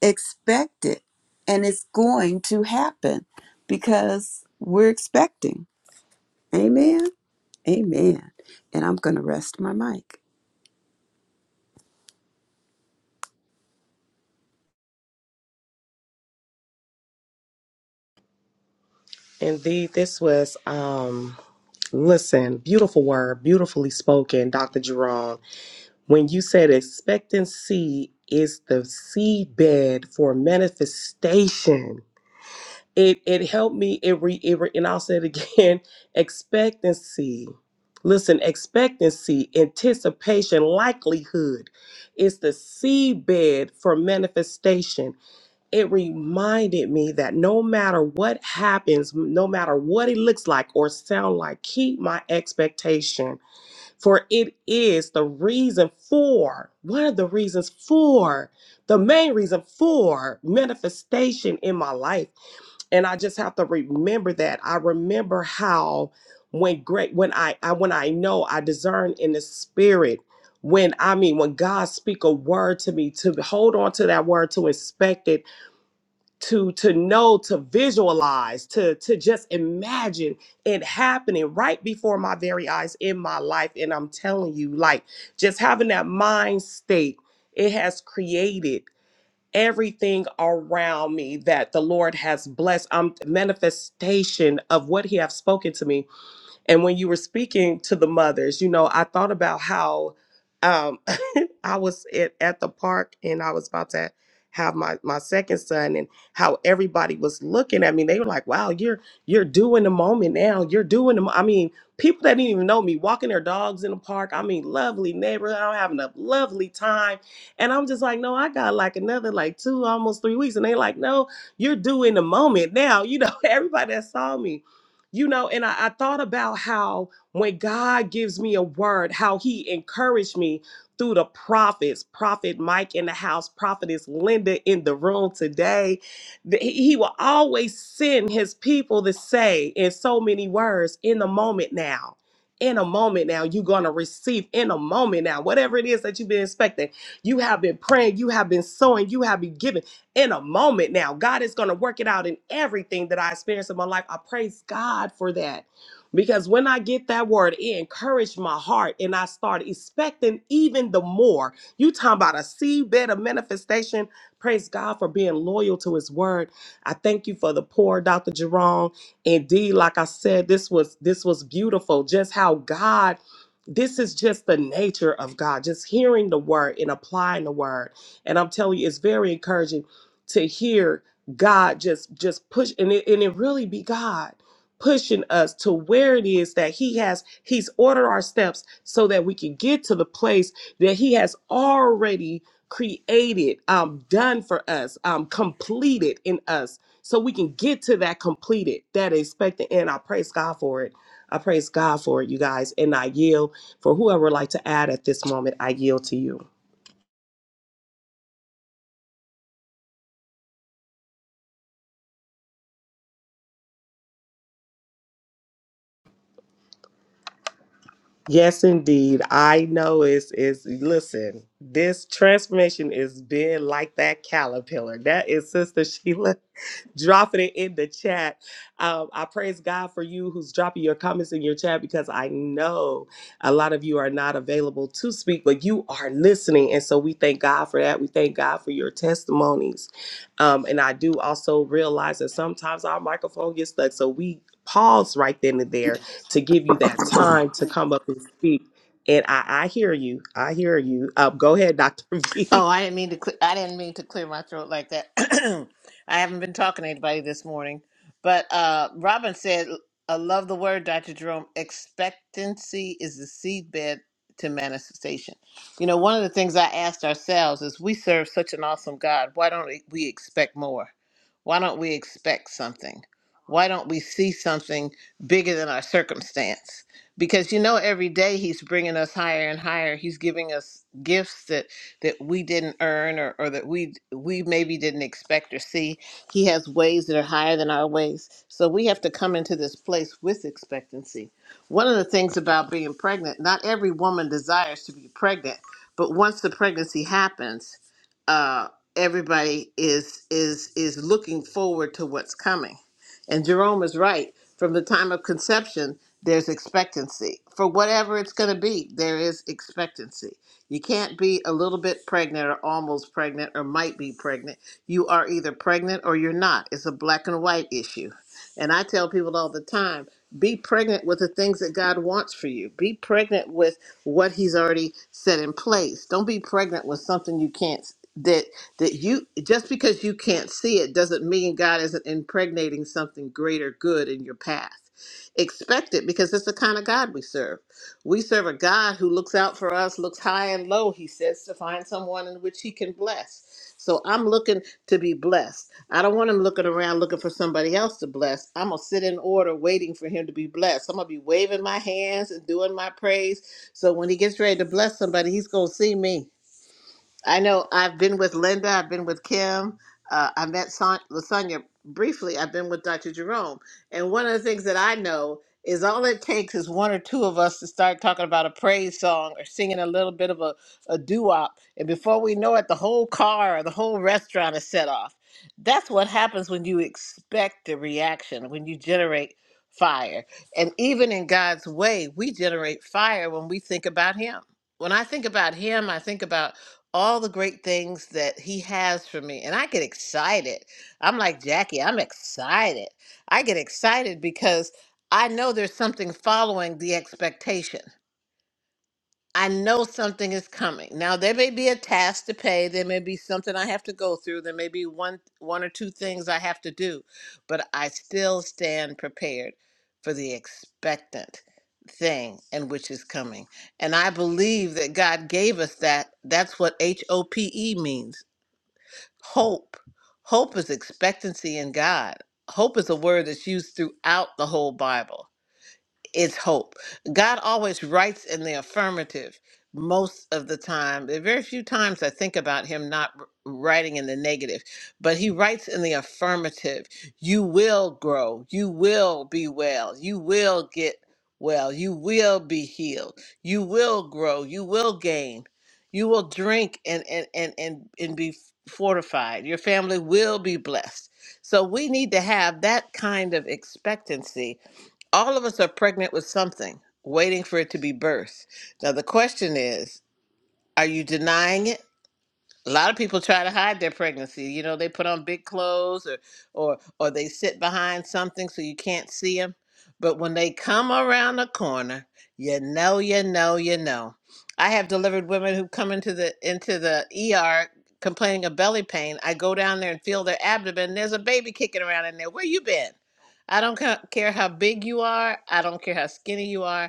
Speaker 3: Expect it and it's going to happen because we're expecting. Amen. Amen. And I'm going to rest my mic.
Speaker 1: Indeed, this was um listen, beautiful word, beautifully spoken, Dr. Jerome. When you said expectancy is the seedbed for manifestation, it it helped me. It re, it re- and I'll say it again. Expectancy. Listen, expectancy, anticipation, likelihood is the seedbed for manifestation. It reminded me that no matter what happens, no matter what it looks like or sound like, keep my expectation. For it is the reason for, one of the reasons for, the main reason for manifestation in my life. And I just have to remember that. I remember how when great when I, I when I know I discern in the spirit, when I mean when God speak a word to me, to hold on to that word, to inspect it to to know to visualize to to just imagine it happening right before my very eyes in my life and i'm telling you like just having that mind state it has created everything around me that the lord has blessed i'm manifestation of what he has spoken to me and when you were speaking to the mothers, you know, I thought about how um, I was at, at the park and I was about to have my, my second son and how everybody was looking at me. They were like, wow, you're you're doing the moment now. You're doing the mo-" I mean, people that didn't even know me walking their dogs in the park. I mean, lovely neighborhood. I'm having a lovely time. And I'm just like, no, I got like another like two, almost three weeks. And they like, no, you're doing the moment now. You know, everybody that saw me. You know, and I, I thought about how when God gives me a word, how he encouraged me through the prophets, Prophet Mike in the house, Prophetess Linda in the room today. that He he will always send his people to say in so many words, in the moment now. In a moment now, you're going to receive in a moment now, whatever it is that you've been expecting. You have been praying, you have been sowing, you have been giving in a moment now. God is going to work it out in everything that I experience in my life. I praise God for that. Because when I get that word, it encouraged my heart and I start expecting even the more. You talking about a seabed of manifestation. Praise God for being loyal to his word. I thank you for the poor Dr. Jerome. Indeed, like I said, this was this was beautiful. Just how God, this is just the nature of God. Just hearing the word and applying the word. And I'm telling you, it's very encouraging to hear God just just push and it, and it really be God pushing us to where it is that he has he's ordered our steps so that we can get to the place that he has already created um done for us um completed in us so we can get to that completed that expected end. i praise god for it i praise god for it you guys and i yield for whoever would like to add at this moment i yield to you Yes, indeed. I know it's it's listen, this transformation is being like that caterpillar. That is Sister Sheila dropping it in the chat. Um, I praise God for you who's dropping your comments in your chat because I know a lot of you are not available to speak, but you are listening. And so we thank God for that. We thank God for your testimonies. Um, and I do also realize that sometimes our microphone gets stuck. So we pause right then and there to give you that time to come up and speak. And I, I hear you. I hear you. Uh, go ahead, Dr.
Speaker 4: Oh,
Speaker 1: V.
Speaker 4: I didn't mean to. Cle- I didn't mean to clear my throat like that. I haven't been talking to anybody this morning, but uh, Robin said, "I love the word, Doctor Jerome. Expectancy is the seedbed to manifestation." You know, one of the things I asked ourselves is, "We serve such an awesome God. Why don't we expect more? Why don't we expect something? Why don't we see something bigger than our circumstance?" Because you know, every day He's bringing us higher and higher. He's giving us gifts that that we didn't earn or, or that we we maybe didn't expect or see. He has ways that are higher than our ways. So we have to come into this place with expectancy. One of the things about being pregnant, not every woman desires to be pregnant, but once the pregnancy happens, uh, everybody is is is looking forward to what's coming. And Jerome is right. From the time of conception, there's expectancy. For whatever it's going to be, there is expectancy. You can't be a little bit pregnant or almost pregnant or might be pregnant. You are either pregnant or you're not. It's a black and white issue. And I tell people all the time be pregnant with the things that God wants for you, be pregnant with what He's already set in place. Don't be pregnant with something you can't. That that you just because you can't see it doesn't mean God isn't impregnating something greater good in your path. Expect it because it's the kind of God we serve. We serve a God who looks out for us, looks high and low, he says, to find someone in which he can bless. So I'm looking to be blessed. I don't want him looking around looking for somebody else to bless. I'm going to sit in order waiting for him to be blessed. I'm going to be waving my hands and doing my praise. So when he gets ready to bless somebody, he's going to see me. I know I've been with Linda, I've been with Kim, uh, I met Son- Lasagna briefly, I've been with Dr. Jerome. And one of the things that I know is all it takes is one or two of us to start talking about a praise song or singing a little bit of a, a doo wop. And before we know it, the whole car or the whole restaurant is set off. That's what happens when you expect the reaction, when you generate fire. And even in God's way, we generate fire when we think about Him. When I think about Him, I think about all the great things that he has for me. And I get excited. I'm like, Jackie, I'm excited. I get excited because I know there's something following the expectation. I know something is coming. Now there may be a task to pay, there may be something I have to go through, there may be one one or two things I have to do, but I still stand prepared for the expectant thing and which is coming. And I believe that God gave us that. That's what H O P E means. Hope. Hope is expectancy in God. Hope is a word that's used throughout the whole Bible it's hope. God always writes in the affirmative most of the time. There are very few times I think about him not r- writing in the negative, but he writes in the affirmative. You will grow. You will be well. You will get well. You will be healed. You will grow. You will gain. You will drink and and and and, and be fortified. Your family will be blessed. So we need to have that kind of expectancy all of us are pregnant with something, waiting for it to be birthed. Now, the question is, are you denying it? a lot of people try to hide their pregnancy. You know, they put on big clothes or or or they sit behind something so you can't see them. But when they come around the corner, you know, you know, you know. I have delivered women who come into the into the ER complaining of belly pain. I go down there and feel their abdomen. There's a baby kicking around in there. Where you been? I don't ca- care how big you are. I don't care how skinny you are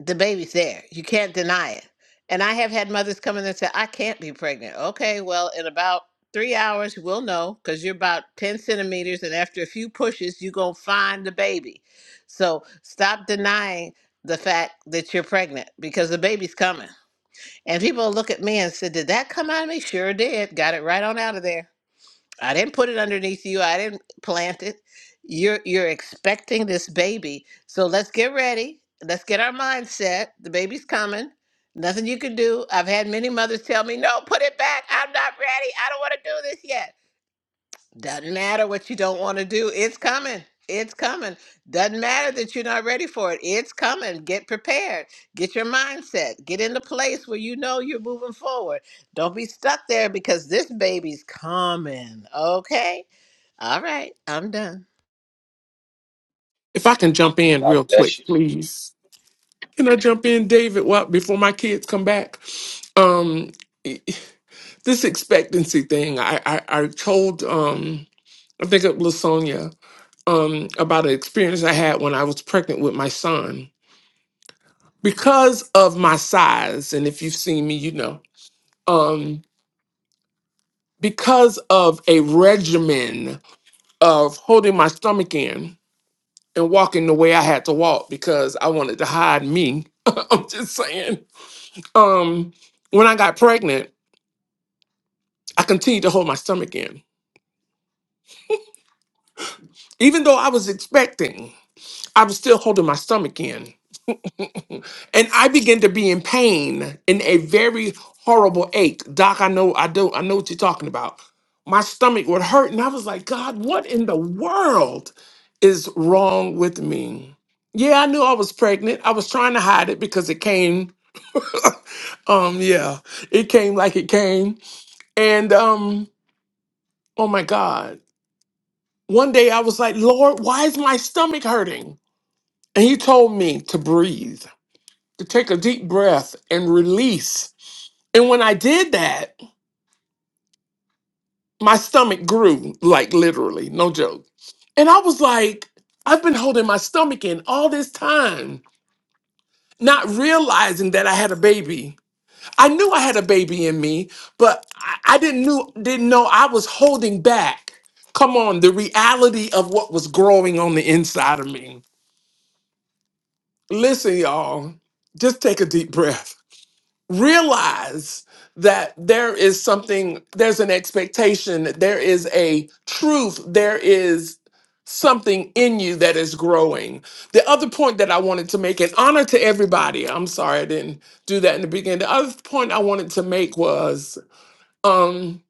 Speaker 4: the baby's there. You can't deny it. And I have had mothers come in and say, I can't be pregnant. Okay, well, in about three hours, we'll know because you're about 10 centimeters. And after a few pushes, you're going to find the baby. So stop denying the fact that you're pregnant because the baby's coming. And people look at me and say, Did that come out of me? Sure did. Got it right on out of there. I didn't put it underneath you. I didn't plant it. You're you're expecting this baby. So let's get ready. Let's get our mindset. The baby's coming. Nothing you can do. I've had many mothers tell me, "No, put it back. I'm not ready. I don't want to do this yet." Doesn't matter what you don't want to do. It's coming. It's coming. Doesn't matter that you're not ready for it. It's coming. Get prepared. Get your mindset. Get in the place where you know you're moving forward. Don't be stuck there because this baby's coming. Okay? All right, I'm done.
Speaker 5: If I can jump in
Speaker 6: God
Speaker 5: real quick,
Speaker 6: bless you.
Speaker 5: please. Can I jump in, David? What before my kids come back? Um, this expectancy thing. I I, I told um I think it was Sonia um about an experience I had when I was pregnant with my son because of my size, and if you've seen me, you know. Um, because of a regimen of holding my stomach in and walking the way I had to walk because I wanted to hide me. I'm just saying Um, when I got pregnant, I continued to hold my stomach in. Even though I was expecting, I was still holding my stomach in. and I began to be in pain in a very horrible ache. Doc, I know I do I know what you're talking about. My stomach would hurt and I was like, God, what in the world is wrong with me? Yeah, I knew I was pregnant. I was trying to hide it because it came um yeah, it came like it came. And um oh my god. One day I was like, Lord, why is my stomach hurting? And he told me to breathe, to take a deep breath and release. And when I did that, my stomach grew, like literally, no joke. And I was like, I've been holding my stomach in all this time, not realizing that I had a baby. I knew I had a baby in me, but I, I didn't knew didn't know I was holding back. Come on, the reality of what was growing on the inside of me. Listen, y'all, just take a deep breath. Realize that there is something, there's an expectation, there is a truth, there is something in you that is growing. The other point that I wanted to make, and honor to everybody, I'm sorry I didn't do that in the beginning. The other point I wanted to make was um,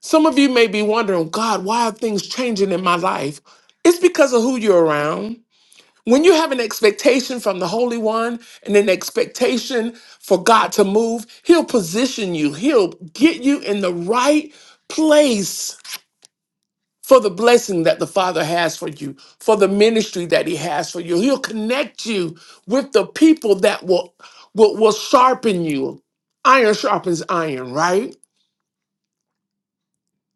Speaker 5: some of you may be wondering, God, why are things changing in my life? It's because of who you're around when you have an expectation from the Holy One and an expectation for God to move, He'll position you, He'll get you in the right place for the blessing that the Father has for you, for the ministry that He has for you. He'll connect you with the people that will, will, will sharpen you. Iron sharpens iron, right?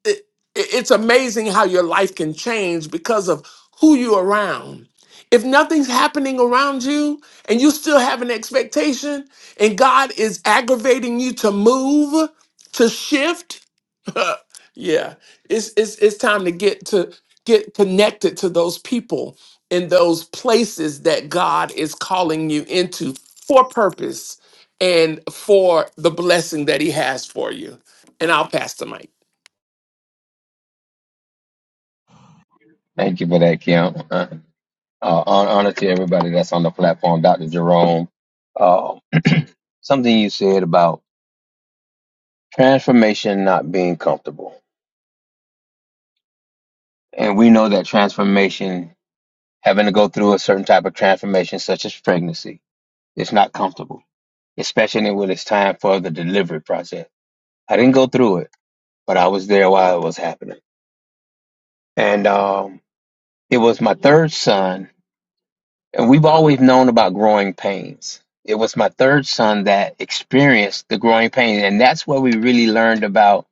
Speaker 5: it, it's amazing how your life can change because of who you're around. If nothing's happening around you and you still have an expectation and God is aggravating you to move, to shift, yeah, it's, it's it's time to get to get connected to those people in those places that God is calling you into for purpose and for the blessing that he has for you. And I'll pass the mic.
Speaker 6: Thank you for that, Kim. Uh, uh, hon- honor to everybody that's on the platform, Dr. Jerome. Uh, something you said about transformation not being comfortable. And we know that transformation, having to go through a certain type of transformation, such as pregnancy, it's not comfortable, especially when it's time for the delivery process. I didn't go through it, but I was there while it was happening. And um, it was my third son And we've always known about growing pains. It was my third son that experienced the growing pains. And that's where we really learned about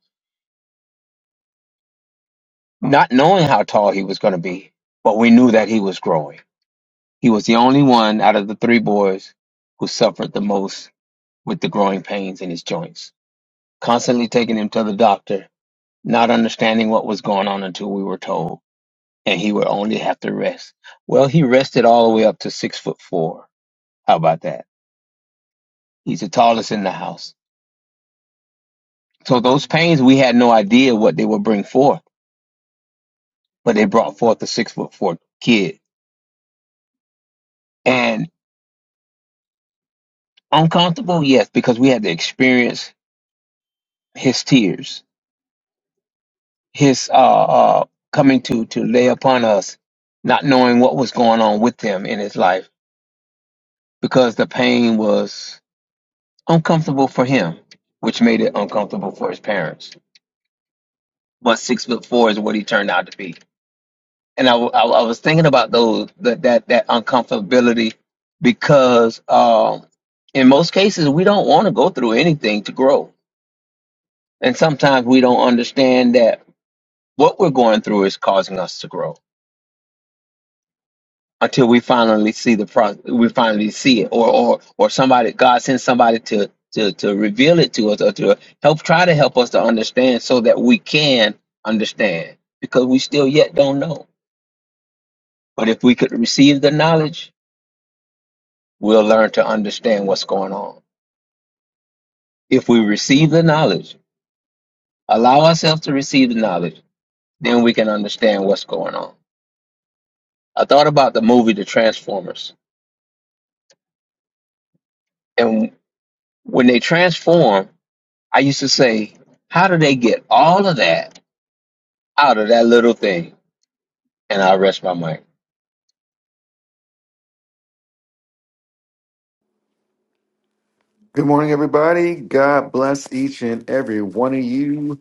Speaker 6: not knowing how tall he was going to be, but we knew that he was growing. He was the only one out of the three boys who suffered the most with the growing pains in his joints. Constantly taking him to the doctor, not understanding what was going on until we were told, and he would only have to rest. Well, he rested all the way up to six foot four. How about that? He's the tallest in the house So those pains, we had no idea what they would bring forth, but they brought forth a six foot four kid. And uncomfortable, yes, because we had to experience his tears, his uh, uh coming to to lay upon us, not knowing what was going on with him in his life, because the pain was uncomfortable for him, which made it uncomfortable for his parents. But six foot four is what he turned out to be and I, w- I w- I was thinking about those that that, that uncomfortability because um, in most cases we don't want to go through anything to grow, and sometimes we don't understand that what we're going through is causing us to grow until we finally see the pro- we finally see it, or or or somebody God sends somebody to to to reveal it to us or to help try to help us to understand so that we can understand because we still yet don't know. But if we could receive the knowledge we'll learn to understand what's going on. If we receive the knowledge, allow ourselves to receive the knowledge, then we can understand what's going on. I thought about the movie The Transformers, and when they transform, I used to say, How do they get all of that out of that little thing? And I rest my mic.
Speaker 7: Good morning, everybody. God bless each and every one of you.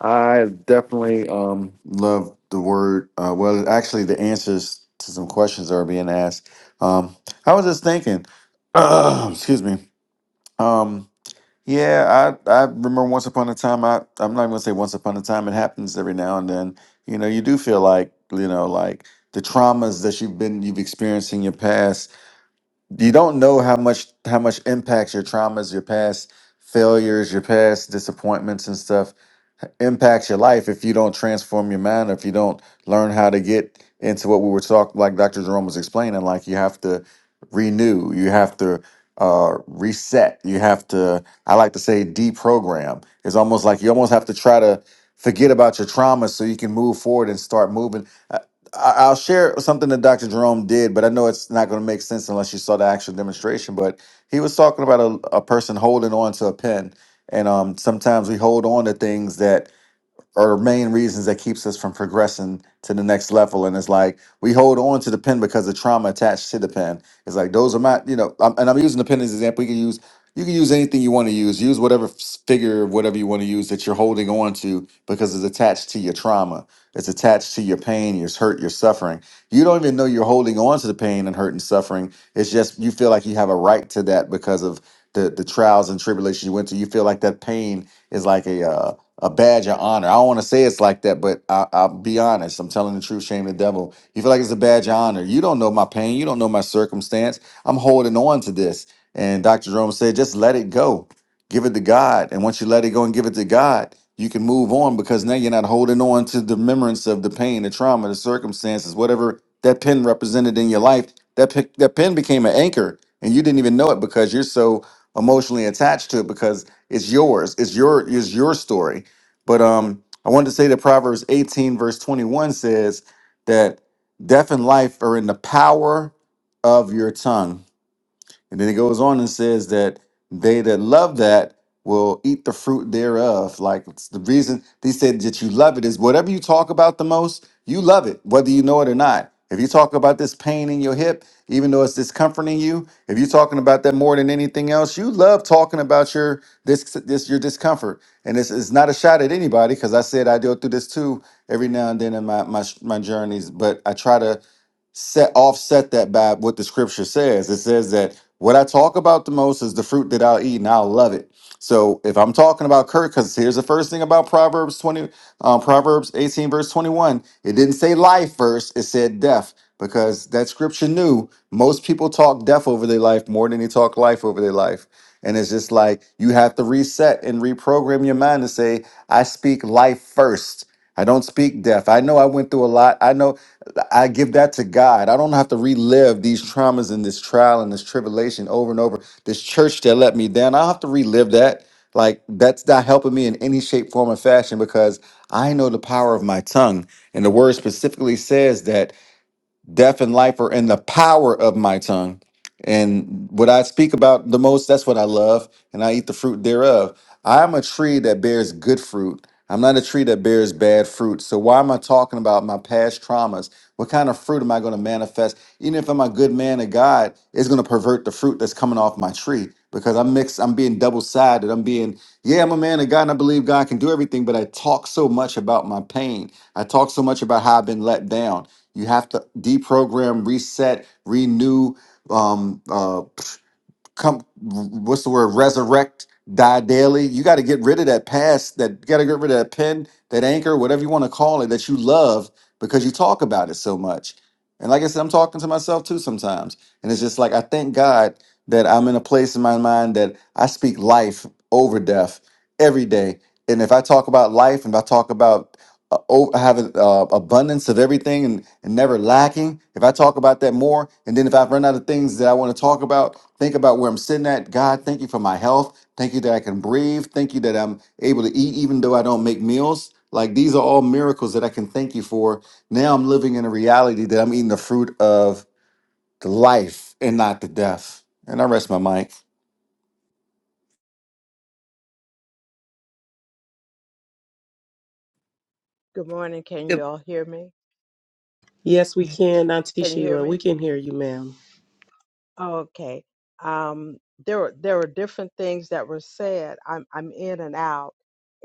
Speaker 7: I definitely um, love the word. Uh, well, actually, the answers to some questions that are being asked. Um, I was just thinking. excuse me. Um, yeah, I I remember once upon a time. I I'm not going to say once upon a time. It happens every now and then. You know, you do feel like you know, like the traumas that you've been you've experienced in your past you don't know how much how much impacts your traumas, your past failures, your past disappointments and stuff impacts your life if you don't transform your mind, or if you don't learn how to get into what we were talking like Dr. Jerome was explaining, like you have to renew, you have to uh reset, you have to I like to say deprogram. It's almost like you almost have to try to forget about your trauma so you can move forward and start moving. uh, I- I'll share something that Dr. Jerome did, but I know it's not going to make sense unless you saw the actual demonstration. But he was talking about a, a person holding on to a pen, and um, sometimes we hold on to things that are main reasons that keeps us from progressing to the next level. And it's like we hold on to the pen because of trauma attached to the pen. It's like those are my, you know, I'm, and I'm using the pen as an example. You can use you can use anything you want to use. Use whatever s- figure, whatever you want to use that you're holding on to because it's attached to your trauma. It's attached to your pain, your hurt, your suffering. You don't even know you're holding on to the pain and hurt and suffering. It's just you feel like you have a right to that because of the the trials and tribulations you went through. You feel like that pain is like a uh, a badge of honor. I don't want to say it's like that, but I, I'll be honest. I'm telling the truth. Shame the devil. You feel like it's a badge of honor. You don't know my pain. You don't know my circumstance. I'm holding on to this. And Dr. Jerome said, just let it go. Give it to God. And once you let it go and give it to God, you can move on because now you're not holding on to the remembrance of the pain, the trauma, the circumstances, whatever that pin represented in your life. That pi- that pin became an anchor, and you didn't even know it because you're so emotionally attached to it because it's yours. It's your it's your story but um, I wanted to say that Proverbs 18, verse 21 says that death and life are in the power of your tongue and then it goes on and says that they that love that will eat the fruit thereof. Like it's the reason they said that you love it is whatever you talk about the most, you love it, whether you know it or not. If you talk about this pain in your hip, even though it's discomforting you, if you're talking about that more than anything else, you love talking about your this this your discomfort. And it's, it's not a shot at anybody because I said I go through this too every now and then in my my, my journeys, but I try to set offset that by what the scripture says. It says that what I talk about the most is the fruit that I'll eat and I'll love it. So if I'm talking about Kurt, because here's the first thing about Proverbs 20, uh, Proverbs 18, verse 21. It didn't say life first, it said death, because that scripture knew most people talk death over their life more than they talk life over their life. And it's just like you have to reset and reprogram your mind to say, I speak life first. I don't speak death. I know I went through a lot. I know I give that to God. I don't have to relive these traumas and this trial and this tribulation over and over. This church that let me down, I don't have to relive that. Like that's not helping me in any shape, form, or fashion because I know the power of my tongue. And the word specifically says that death and life are in the power of my tongue. And what I speak about the most, that's what I love, and I eat the fruit thereof. I'm a tree that bears good fruit. I'm not a tree that bears bad fruit. So why am I talking about my past traumas? What kind of fruit am I going to manifest? Even if I'm a good man of God, it's going to pervert the fruit that's coming off my tree because I'm mixed, I'm being double-sided. I'm being, yeah, I'm a man of God and I believe God can do everything, but I talk so much about my pain. I talk so much about how I've been let down. You have to deprogram, reset, renew, um, uh, come, what's the word? Resurrect, die daily. You got to get rid of that past, that you got to get rid of that pen, that anchor, whatever you want to call it, that you love because you talk about it so much. And like I said, I'm talking to myself too sometimes. And it's just like, I thank God that I'm in a place in my mind that I speak life over death every day. And if I talk about life and I talk about uh, o- have an uh, abundance of everything and, and never lacking. If I talk about that more, and then if i run out of things that I want to talk about, think about where I'm sitting at. God, thank you for my health. Thank you that I can breathe. Thank you that I'm able to eat even though I don't make meals. Like these are all miracles that I can thank you for. Now I'm living in a reality that I'm eating the fruit of the life and not the death. And I rest my mic.
Speaker 8: Good morning. Can
Speaker 9: Good.
Speaker 8: you all hear me?
Speaker 1: yes, we can, Auntie
Speaker 8: Can you hear
Speaker 1: Sheila. We
Speaker 8: me?
Speaker 1: can hear you, ma'am.
Speaker 8: Oh, okay. Um, there were there were different things that were said. I'm I'm in and out,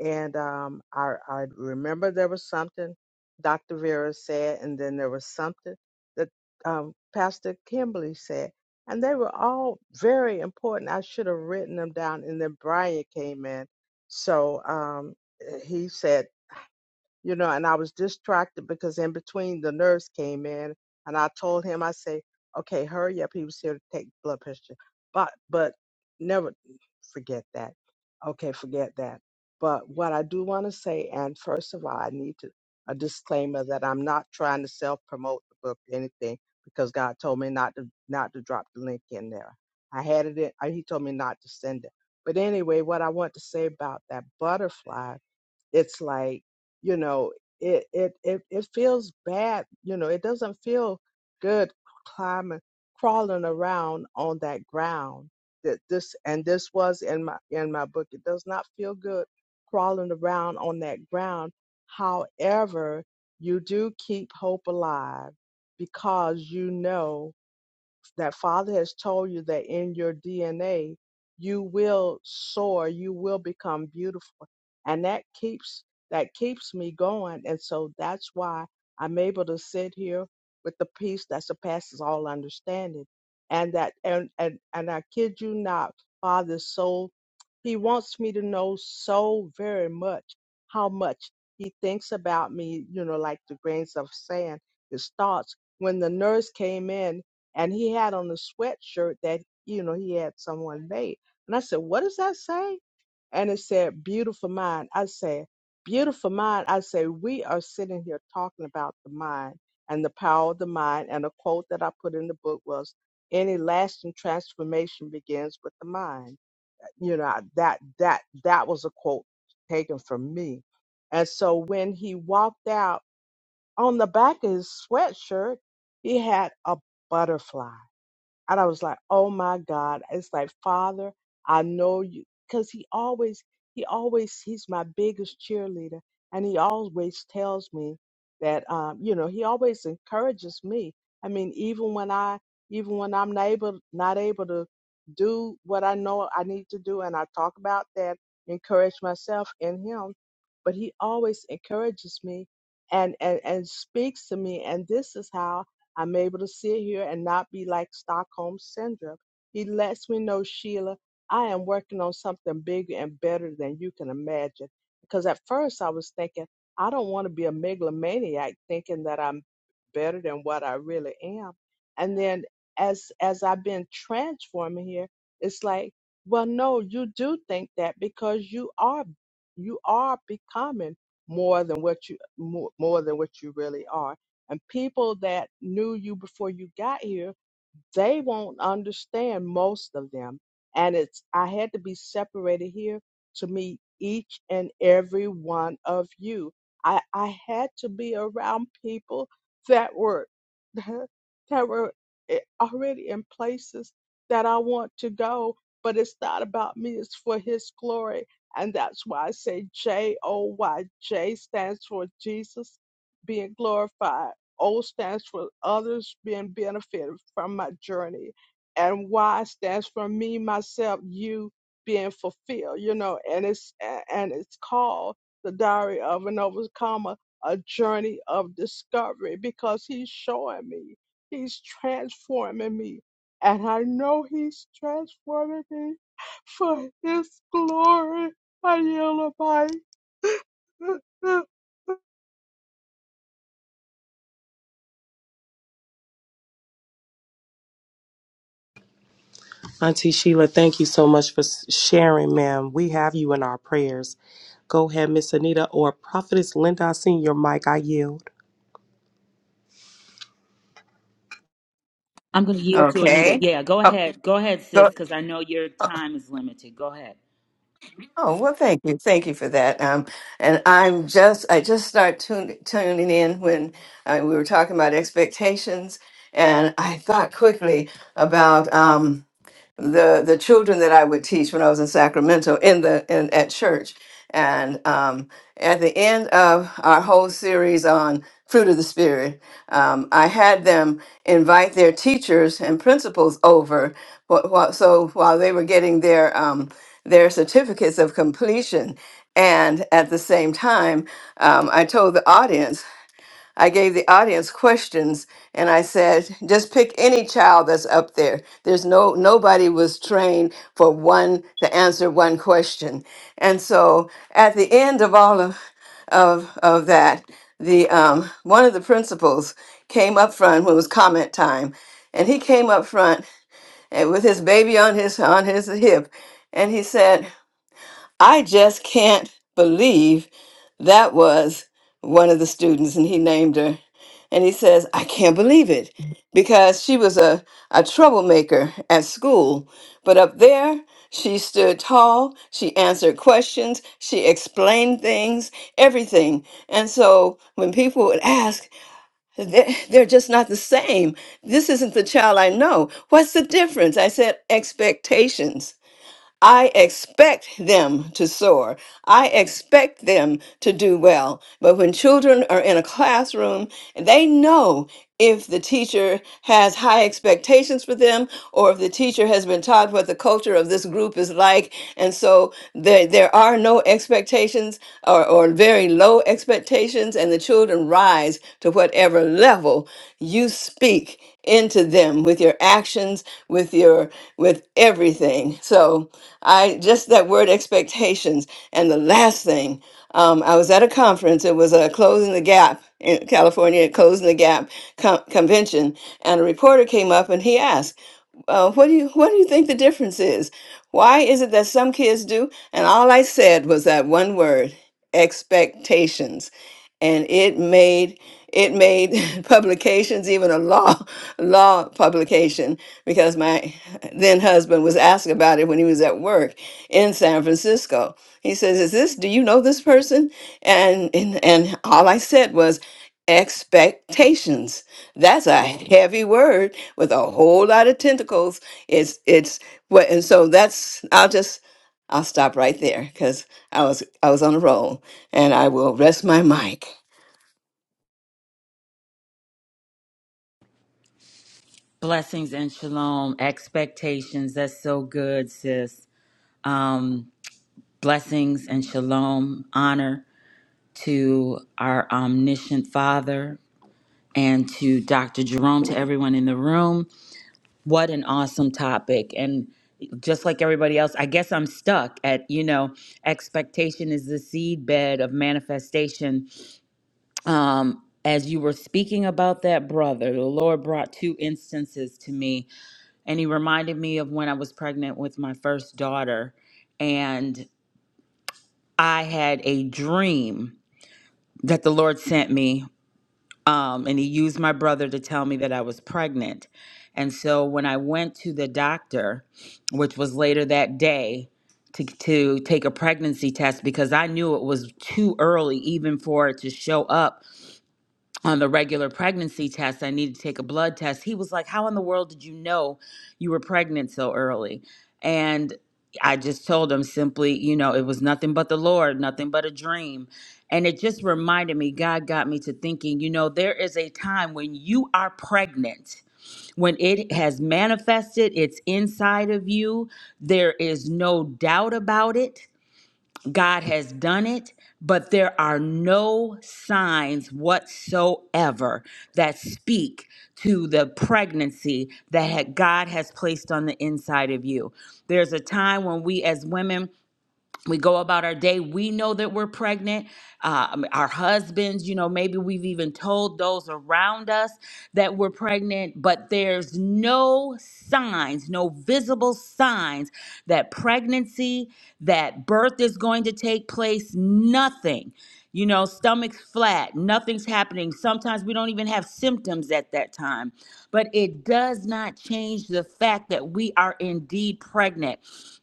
Speaker 8: and um, I I remember there was something Dr. Vera said, and then there was something that um, Pastor Kimberly said, and they were all very important. I should have written them down, and then Brian came in, so um, he said. you know, and I was distracted because in between the nurse came in and I told him, I say, okay, hurry up. He was here to take blood pressure. But, but never forget that. Okay, forget that. But what I do want to say, and first of all, I need to, a disclaimer that I'm not trying to self promote the book or anything because God told me not to, not to drop the link in there. I had it in, uh, he told me not to send it. But anyway, what I want to say about that butterfly it's like you know it it it, it feels bad you know it doesn't feel good climbing crawling around on that ground that this and this was in my in my book it does not feel good crawling around on that ground however you do keep hope alive because you know that Father has told you that in your DNA, you will soar, you will become beautiful. And that keeps that keeps me going. And so that's why I'm able to sit here with the peace that surpasses all understanding. And that and and, and I kid you not, Father so he wants me to know so very much how much he thinks about me, you know, like the grains of sand, his thoughts. When the nurse came in and he had on the sweatshirt that you know he had someone made and i said what does that say and it said beautiful mind i said beautiful mind i say we are sitting here talking about the mind and the power of the mind and a quote that i put in the book was any lasting transformation begins with the mind you know that that that was a quote taken from me and so when he walked out on the back of his sweatshirt he had a butterfly and I was like, oh my God. It's like, Father, I know you. Because he always, he always, he's my biggest cheerleader. And he always tells me that, um, you know, he always encourages me. I mean, even when I, even when I'm not able, not able to do what I know I need to do, and I talk about that, encourage myself in him, but he always encourages me and, and, and speaks to me. And this is how I'm able to sit here and not be like Stockholm Syndrome. He lets me know, Sheila, I am working on something bigger and better than you can imagine. Because at first I was thinking, I don't want to be a megalomaniac thinking that I'm better than what I really am. And then as as I've been transforming here, it's like, well, no, you do think that because you are you are becoming more than what you more, more than what you really are and people that knew you before you got here, they won't understand most of them. And it's, I had to be separated here to meet each and every one of you. I, I had to be around people that were, that were eh, already in places that I want to go, but it's not about me, it's for His glory. And that's why I say J O Y. J stands for Jesus being glorified. O stands for others being benefited from my journey. And Y stands for me, myself, you being fulfilled, you know, and it's and it's called the diary of an overcomer, a journey of discovery, because he's showing me, he's transforming me. And I know he's transforming me for his glory. I yell about it.
Speaker 1: Auntie Sheila, thank you so much for s- sharing, ma'am. We have you in our prayers. Go ahead, Miss Anita or Prophetess Linda. I seen your mic. I yield.
Speaker 10: I'm going to yield to Anita.
Speaker 9: Okay.
Speaker 10: Yeah, go
Speaker 9: Oh,
Speaker 10: ahead. Go ahead, sis,
Speaker 9: go.
Speaker 10: because I know your
Speaker 9: uh,
Speaker 10: time is limited. Go ahead.
Speaker 9: Oh, well, thank you. Thank you for that. Um, and I'm just, I just start tun- tuning in when uh, we were talking about expectations. And I thought quickly about, um, the the children that I would teach when I was in Sacramento in the in at church. And um, at the end of our whole series on fruit of the spirit, um, I had them invite their teachers and principals over. wh- wh- So while they were getting their um, their certificates of completion. And at the same time, um, I told the audience, I gave the audience questions, and I said, just pick any child that's up there. There's no nobody was trained for one to answer one question. And so at the end of all of of of that, the um, one of the principals came up front when it was comment time, and he came up front and with his baby on his on his hip, and he said. I just can't believe that was one of the students, and he named her. And he says, I can't believe it because she was a, a troublemaker at school. But up there, she stood tall, she answered questions, she explained things, everything. And so when people would ask, they're, they're just not the same. This isn't the child I know. What's the difference? I said, expectations. I expect them to soar. I expect them to do well. But when children are in a classroom, they know if the teacher has high expectations for them or if the teacher has been taught what the culture of this group is like. And so there, there are no expectations or, or very low expectations, and the children rise to whatever level you speak into them with your actions, with your with everything. So I just that word expectations. And the last thing, um, I was at a conference. It was a closing the gap in California, closing the gap con- convention, and a reporter came up and he asked, uh, "What do you what do you think the difference is? Why is it that some kids do?" And all I said was that one word: expectations, and it made it made publications, even a law law publication, because my then husband was asked about it when he was at work in San Francisco. He says, "Is this? Do you know this person?" And and, and all I said was. Expectations. That's a heavy word with a whole lot of tentacles. It's it's what and so that's I'll just I'll stop right there because I was I was on a roll and I will rest my mic.
Speaker 10: Blessings and shalom. Expectations. That's so good, sis. Um, blessings and shalom. Honor to our omniscient Father and to Dr. Jerome, to everyone in the room. What an awesome topic. And just like everybody else, I guess I'm stuck at, you know, expectation is the seed bed of manifestation Um, as you were speaking about that brother, the Lord brought two instances to me, and He reminded me of when I was pregnant with my first daughter, and I had a dream that the Lord sent me, um, and He used my brother to tell me that I was pregnant. And so when I went to the doctor, which was later that day, to, to take a pregnancy test because I knew it was too early even for it to show up on the regular pregnancy test, I needed to take a blood test. He was like, How in the world did you know you were pregnant so early? And I just told him simply, you know, it was nothing but the Lord, nothing but a dream. And it just reminded me, God got me to thinking, you know, there is a time when you are pregnant, when it has manifested, it's inside of you, there is no doubt about it God has done it, but there are no signs whatsoever that speak to the pregnancy that had- God has placed on the inside of you. There's a time when we as women we go about our day we know that we're pregnant uh, um, our husbands you know maybe we've even told those around us that we're pregnant but there's no signs no visible signs that pregnancy that birth is going to take place nothing you know stomach's flat nothing's happening sometimes we don't even have symptoms at that time but it does not change the fact that we are indeed pregnant.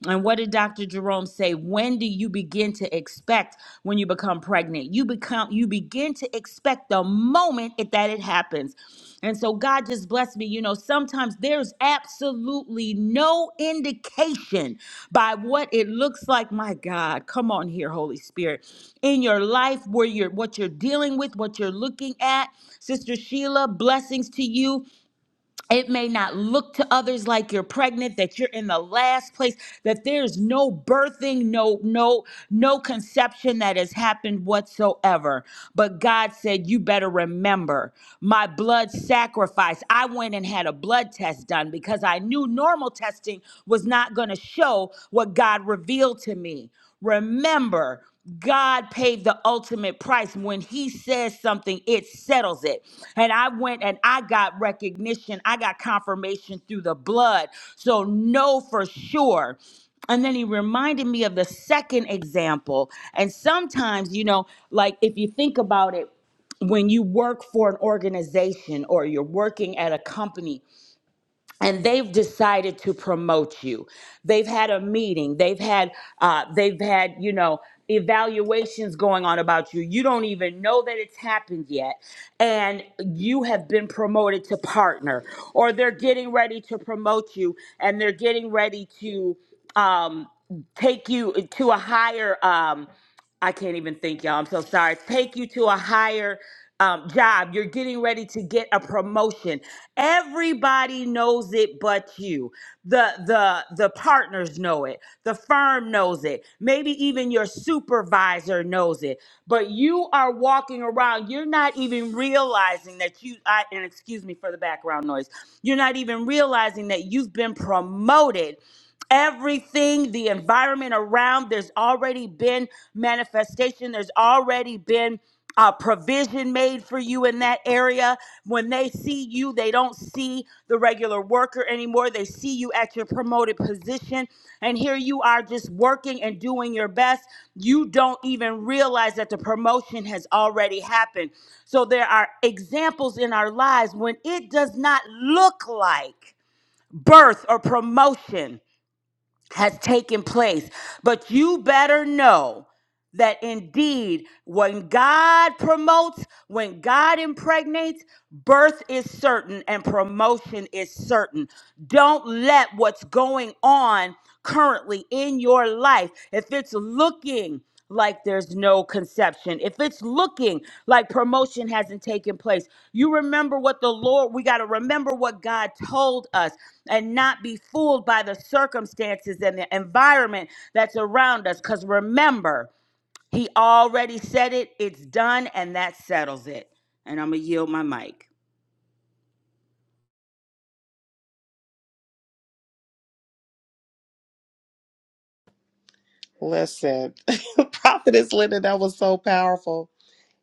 Speaker 10: And what did Dr. Jerome say? When do you begin to expect when you become pregnant? You become you begin to expect the moment it- that it happens. And so God just blessed me. You know, sometimes there's absolutely no indication by what it looks like. My God, come on here, Holy Spirit. In your life, where you're what you're dealing with, what you're looking at. Sister Sheila, blessings to you. It may not look to others like you're pregnant, that you're in the last place, that there's no birthing, no, no, no conception that has happened whatsoever. But God said, You better remember my blood sacrifice. I went and had a blood test done because I knew normal testing was not going to show what God revealed to me. Remember God paid the ultimate price. When He says something, it settles it. And I went and I got recognition, I got confirmation through the blood. So, know for sure. And then he reminded me of the second example. And sometimes, you know, like if you think about it, when you work for an organization or you're working at a company, and they've decided to promote you they've had a meeting they've had uh, they've had you know evaluations going on about you you don't even know that it's happened yet and you have been promoted to partner or they're getting ready to promote you and they're getting ready to um, take you to a higher um, I can't even think, y'all. I'm so sorry. Take you to a higher um, job. You're getting ready to get a promotion. Everybody knows it, but you. The the the partners know it. The firm knows it. Maybe even your supervisor knows it. But you are walking around. You're not even realizing that you. I, and excuse me for the background noise. You're not even realizing that you've been promoted everything the environment around there's already been manifestation there's already been uh, provision made for you in that area when they see you they don't see the regular worker anymore they see you at your promoted position and here you are just working and doing your best you don't even realize that the promotion has already happened so there are examples in our lives when it does not look like birth or promotion has taken place. But you better know that indeed, when God promotes, when God impregnates, birth is certain and promotion is certain. Don't let what's going on currently in your life, if it's looking like there's no conception, if it's looking like promotion hasn't taken place, you remember what the Lord, we got to remember what God told us and not be fooled by the circumstances and the environment that's around us. Because remember, he already said it, it's done, and that settles it. And I'm going to yield my mic.
Speaker 1: Listen, Prophetess Linda, that was so powerful.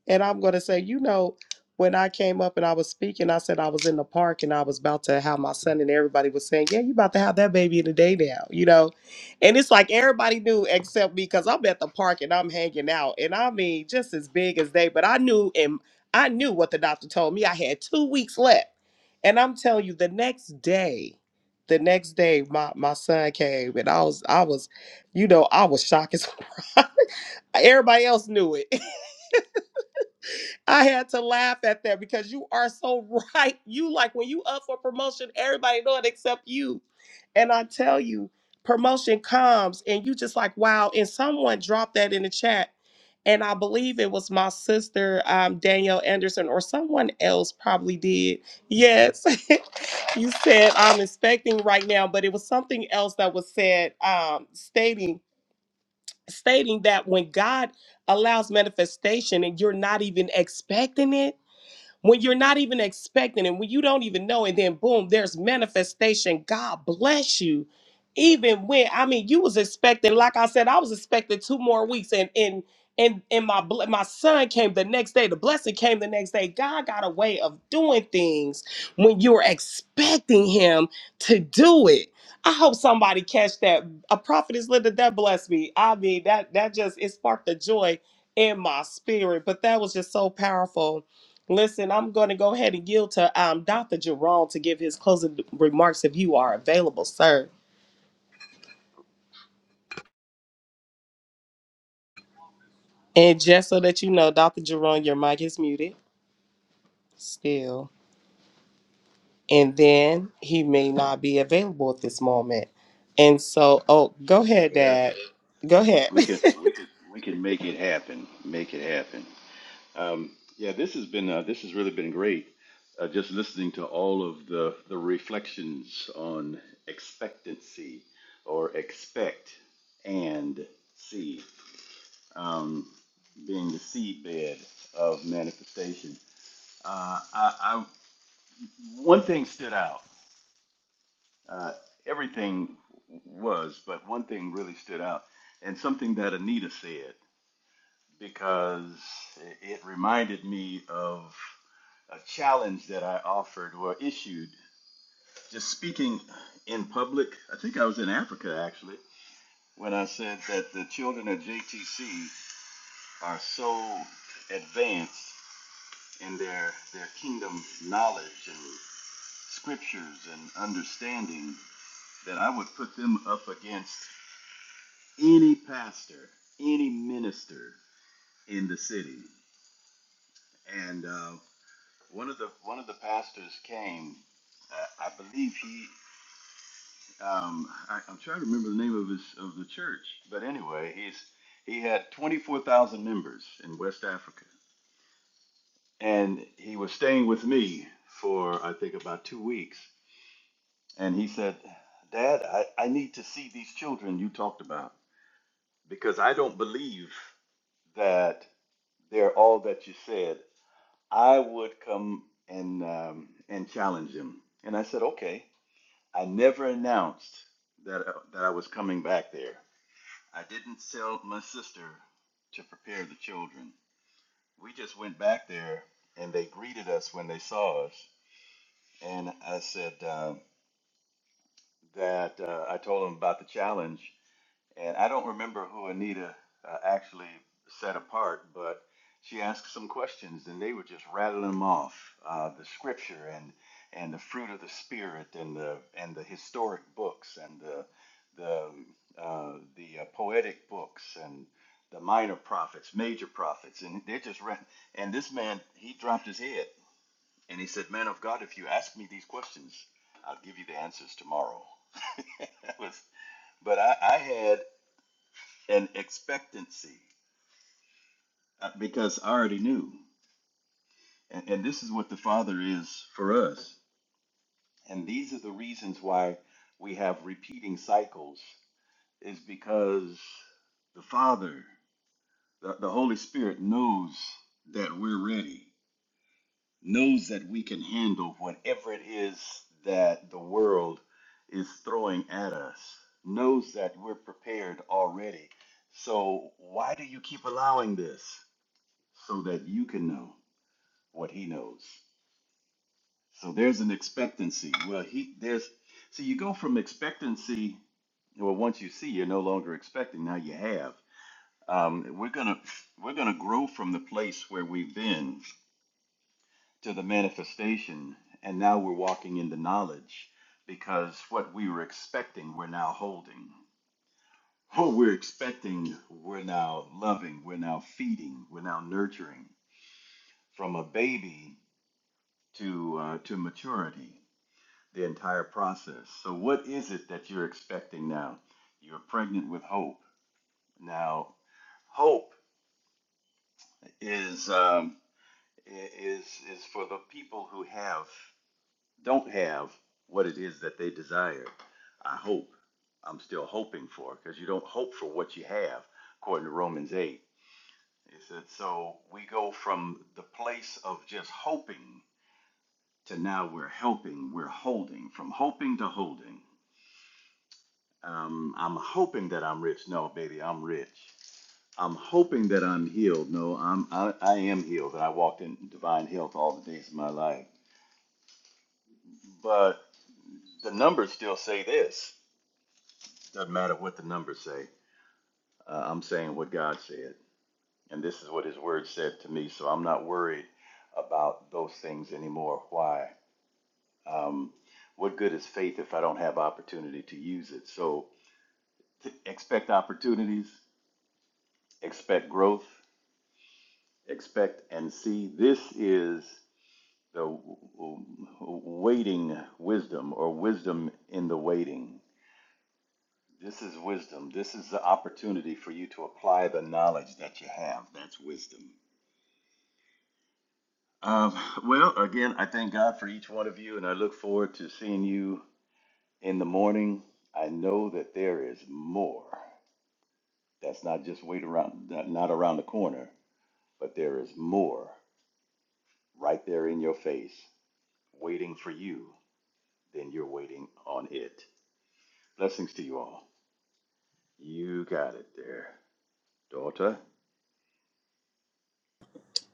Speaker 1: And I'm going to say, you know, when I came up and I was speaking, I said I was in the park and I was about to have my son, and everybody was saying, Yeah, you about to have that baby in the day now, you know? And it's like everybody knew except me because I'm at the park and I'm hanging out. And I mean, just as big as they, but I knew and I knew what the doctor told me. I had two weeks left. And I'm telling you, the next day, the next day, my, my son came and I was, I was, you know, I was shocked as everybody else knew it. I had to laugh at that because you are so right. You like when you up for promotion, everybody know it except you. And I tell you, promotion comes and you just like, wow. And someone dropped that in the chat. And I believe it was my sister, um, Danielle Anderson, or someone else probably did. Yes. you said I'm inspecting right now, but it was something else that was said, um, stating stating that when God allows manifestation and you're not even expecting it when you're not even expecting and when you don't even know and then boom there's manifestation god bless you even when i mean you was expecting like i said i was expecting two more weeks and and and and my bl- my son came the next day the blessing came the next day god got a way of doing things when you're expecting him to do it i hope somebody catch that a prophet is linda that blessed me i mean that that just it sparked a joy in my spirit but that was just so powerful Listen, I'm going to go ahead and yield to um, Dr. Jerome to give his closing remarks if you are available, sir. And just so that you know, Dr. Jerome, your mic is muted still. And then he may not be available at this moment. And so, oh, go ahead, Dad. Go ahead.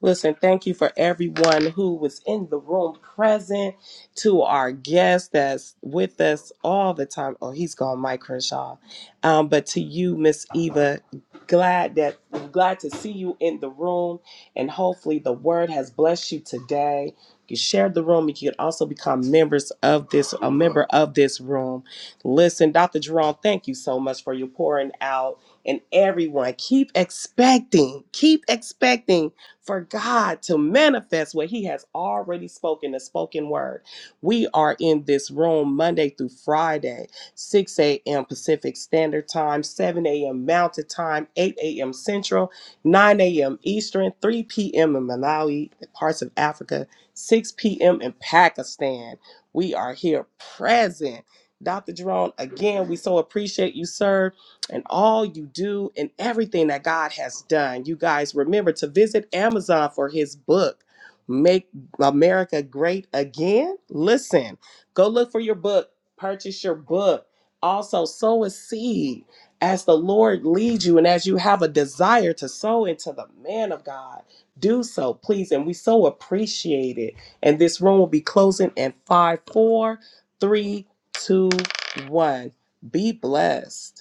Speaker 1: Listen, thank you for everyone who was in the room present, to our guest that's with us all the time. Oh, he's gone, Mike Crenshaw. Um, but to you, Miss Eva, glad that glad to see you in the room, and hopefully the word has blessed you today. You shared the room. You can also become members of this, a member of this room. Listen, Dr. Jerome, thank you so much for your pouring out. And everyone, keep expecting, keep expecting for God to manifest what He has already spoken, the spoken word. We are in this room Monday through Friday, 6 a.m. Pacific Standard Time, 7 a.m. Mountain Time, 8 a.m. Central, 9 a.m. Eastern, 3 p.m. in Malawi, parts of Africa, 6 p.m. in Pakistan. We are here present. Dr. Jerome, again, we so appreciate you, sir and all you do and everything that God has done. You guys remember to visit Amazon for his book, Make America Great Again. Listen, go look for your book, purchase your book. Also, sow a seed as the Lord leads you and as you have a desire to sow into the man of God. Do so, please. And we so appreciate it. And this room will be closing in five, four, three, two, one. Be blessed.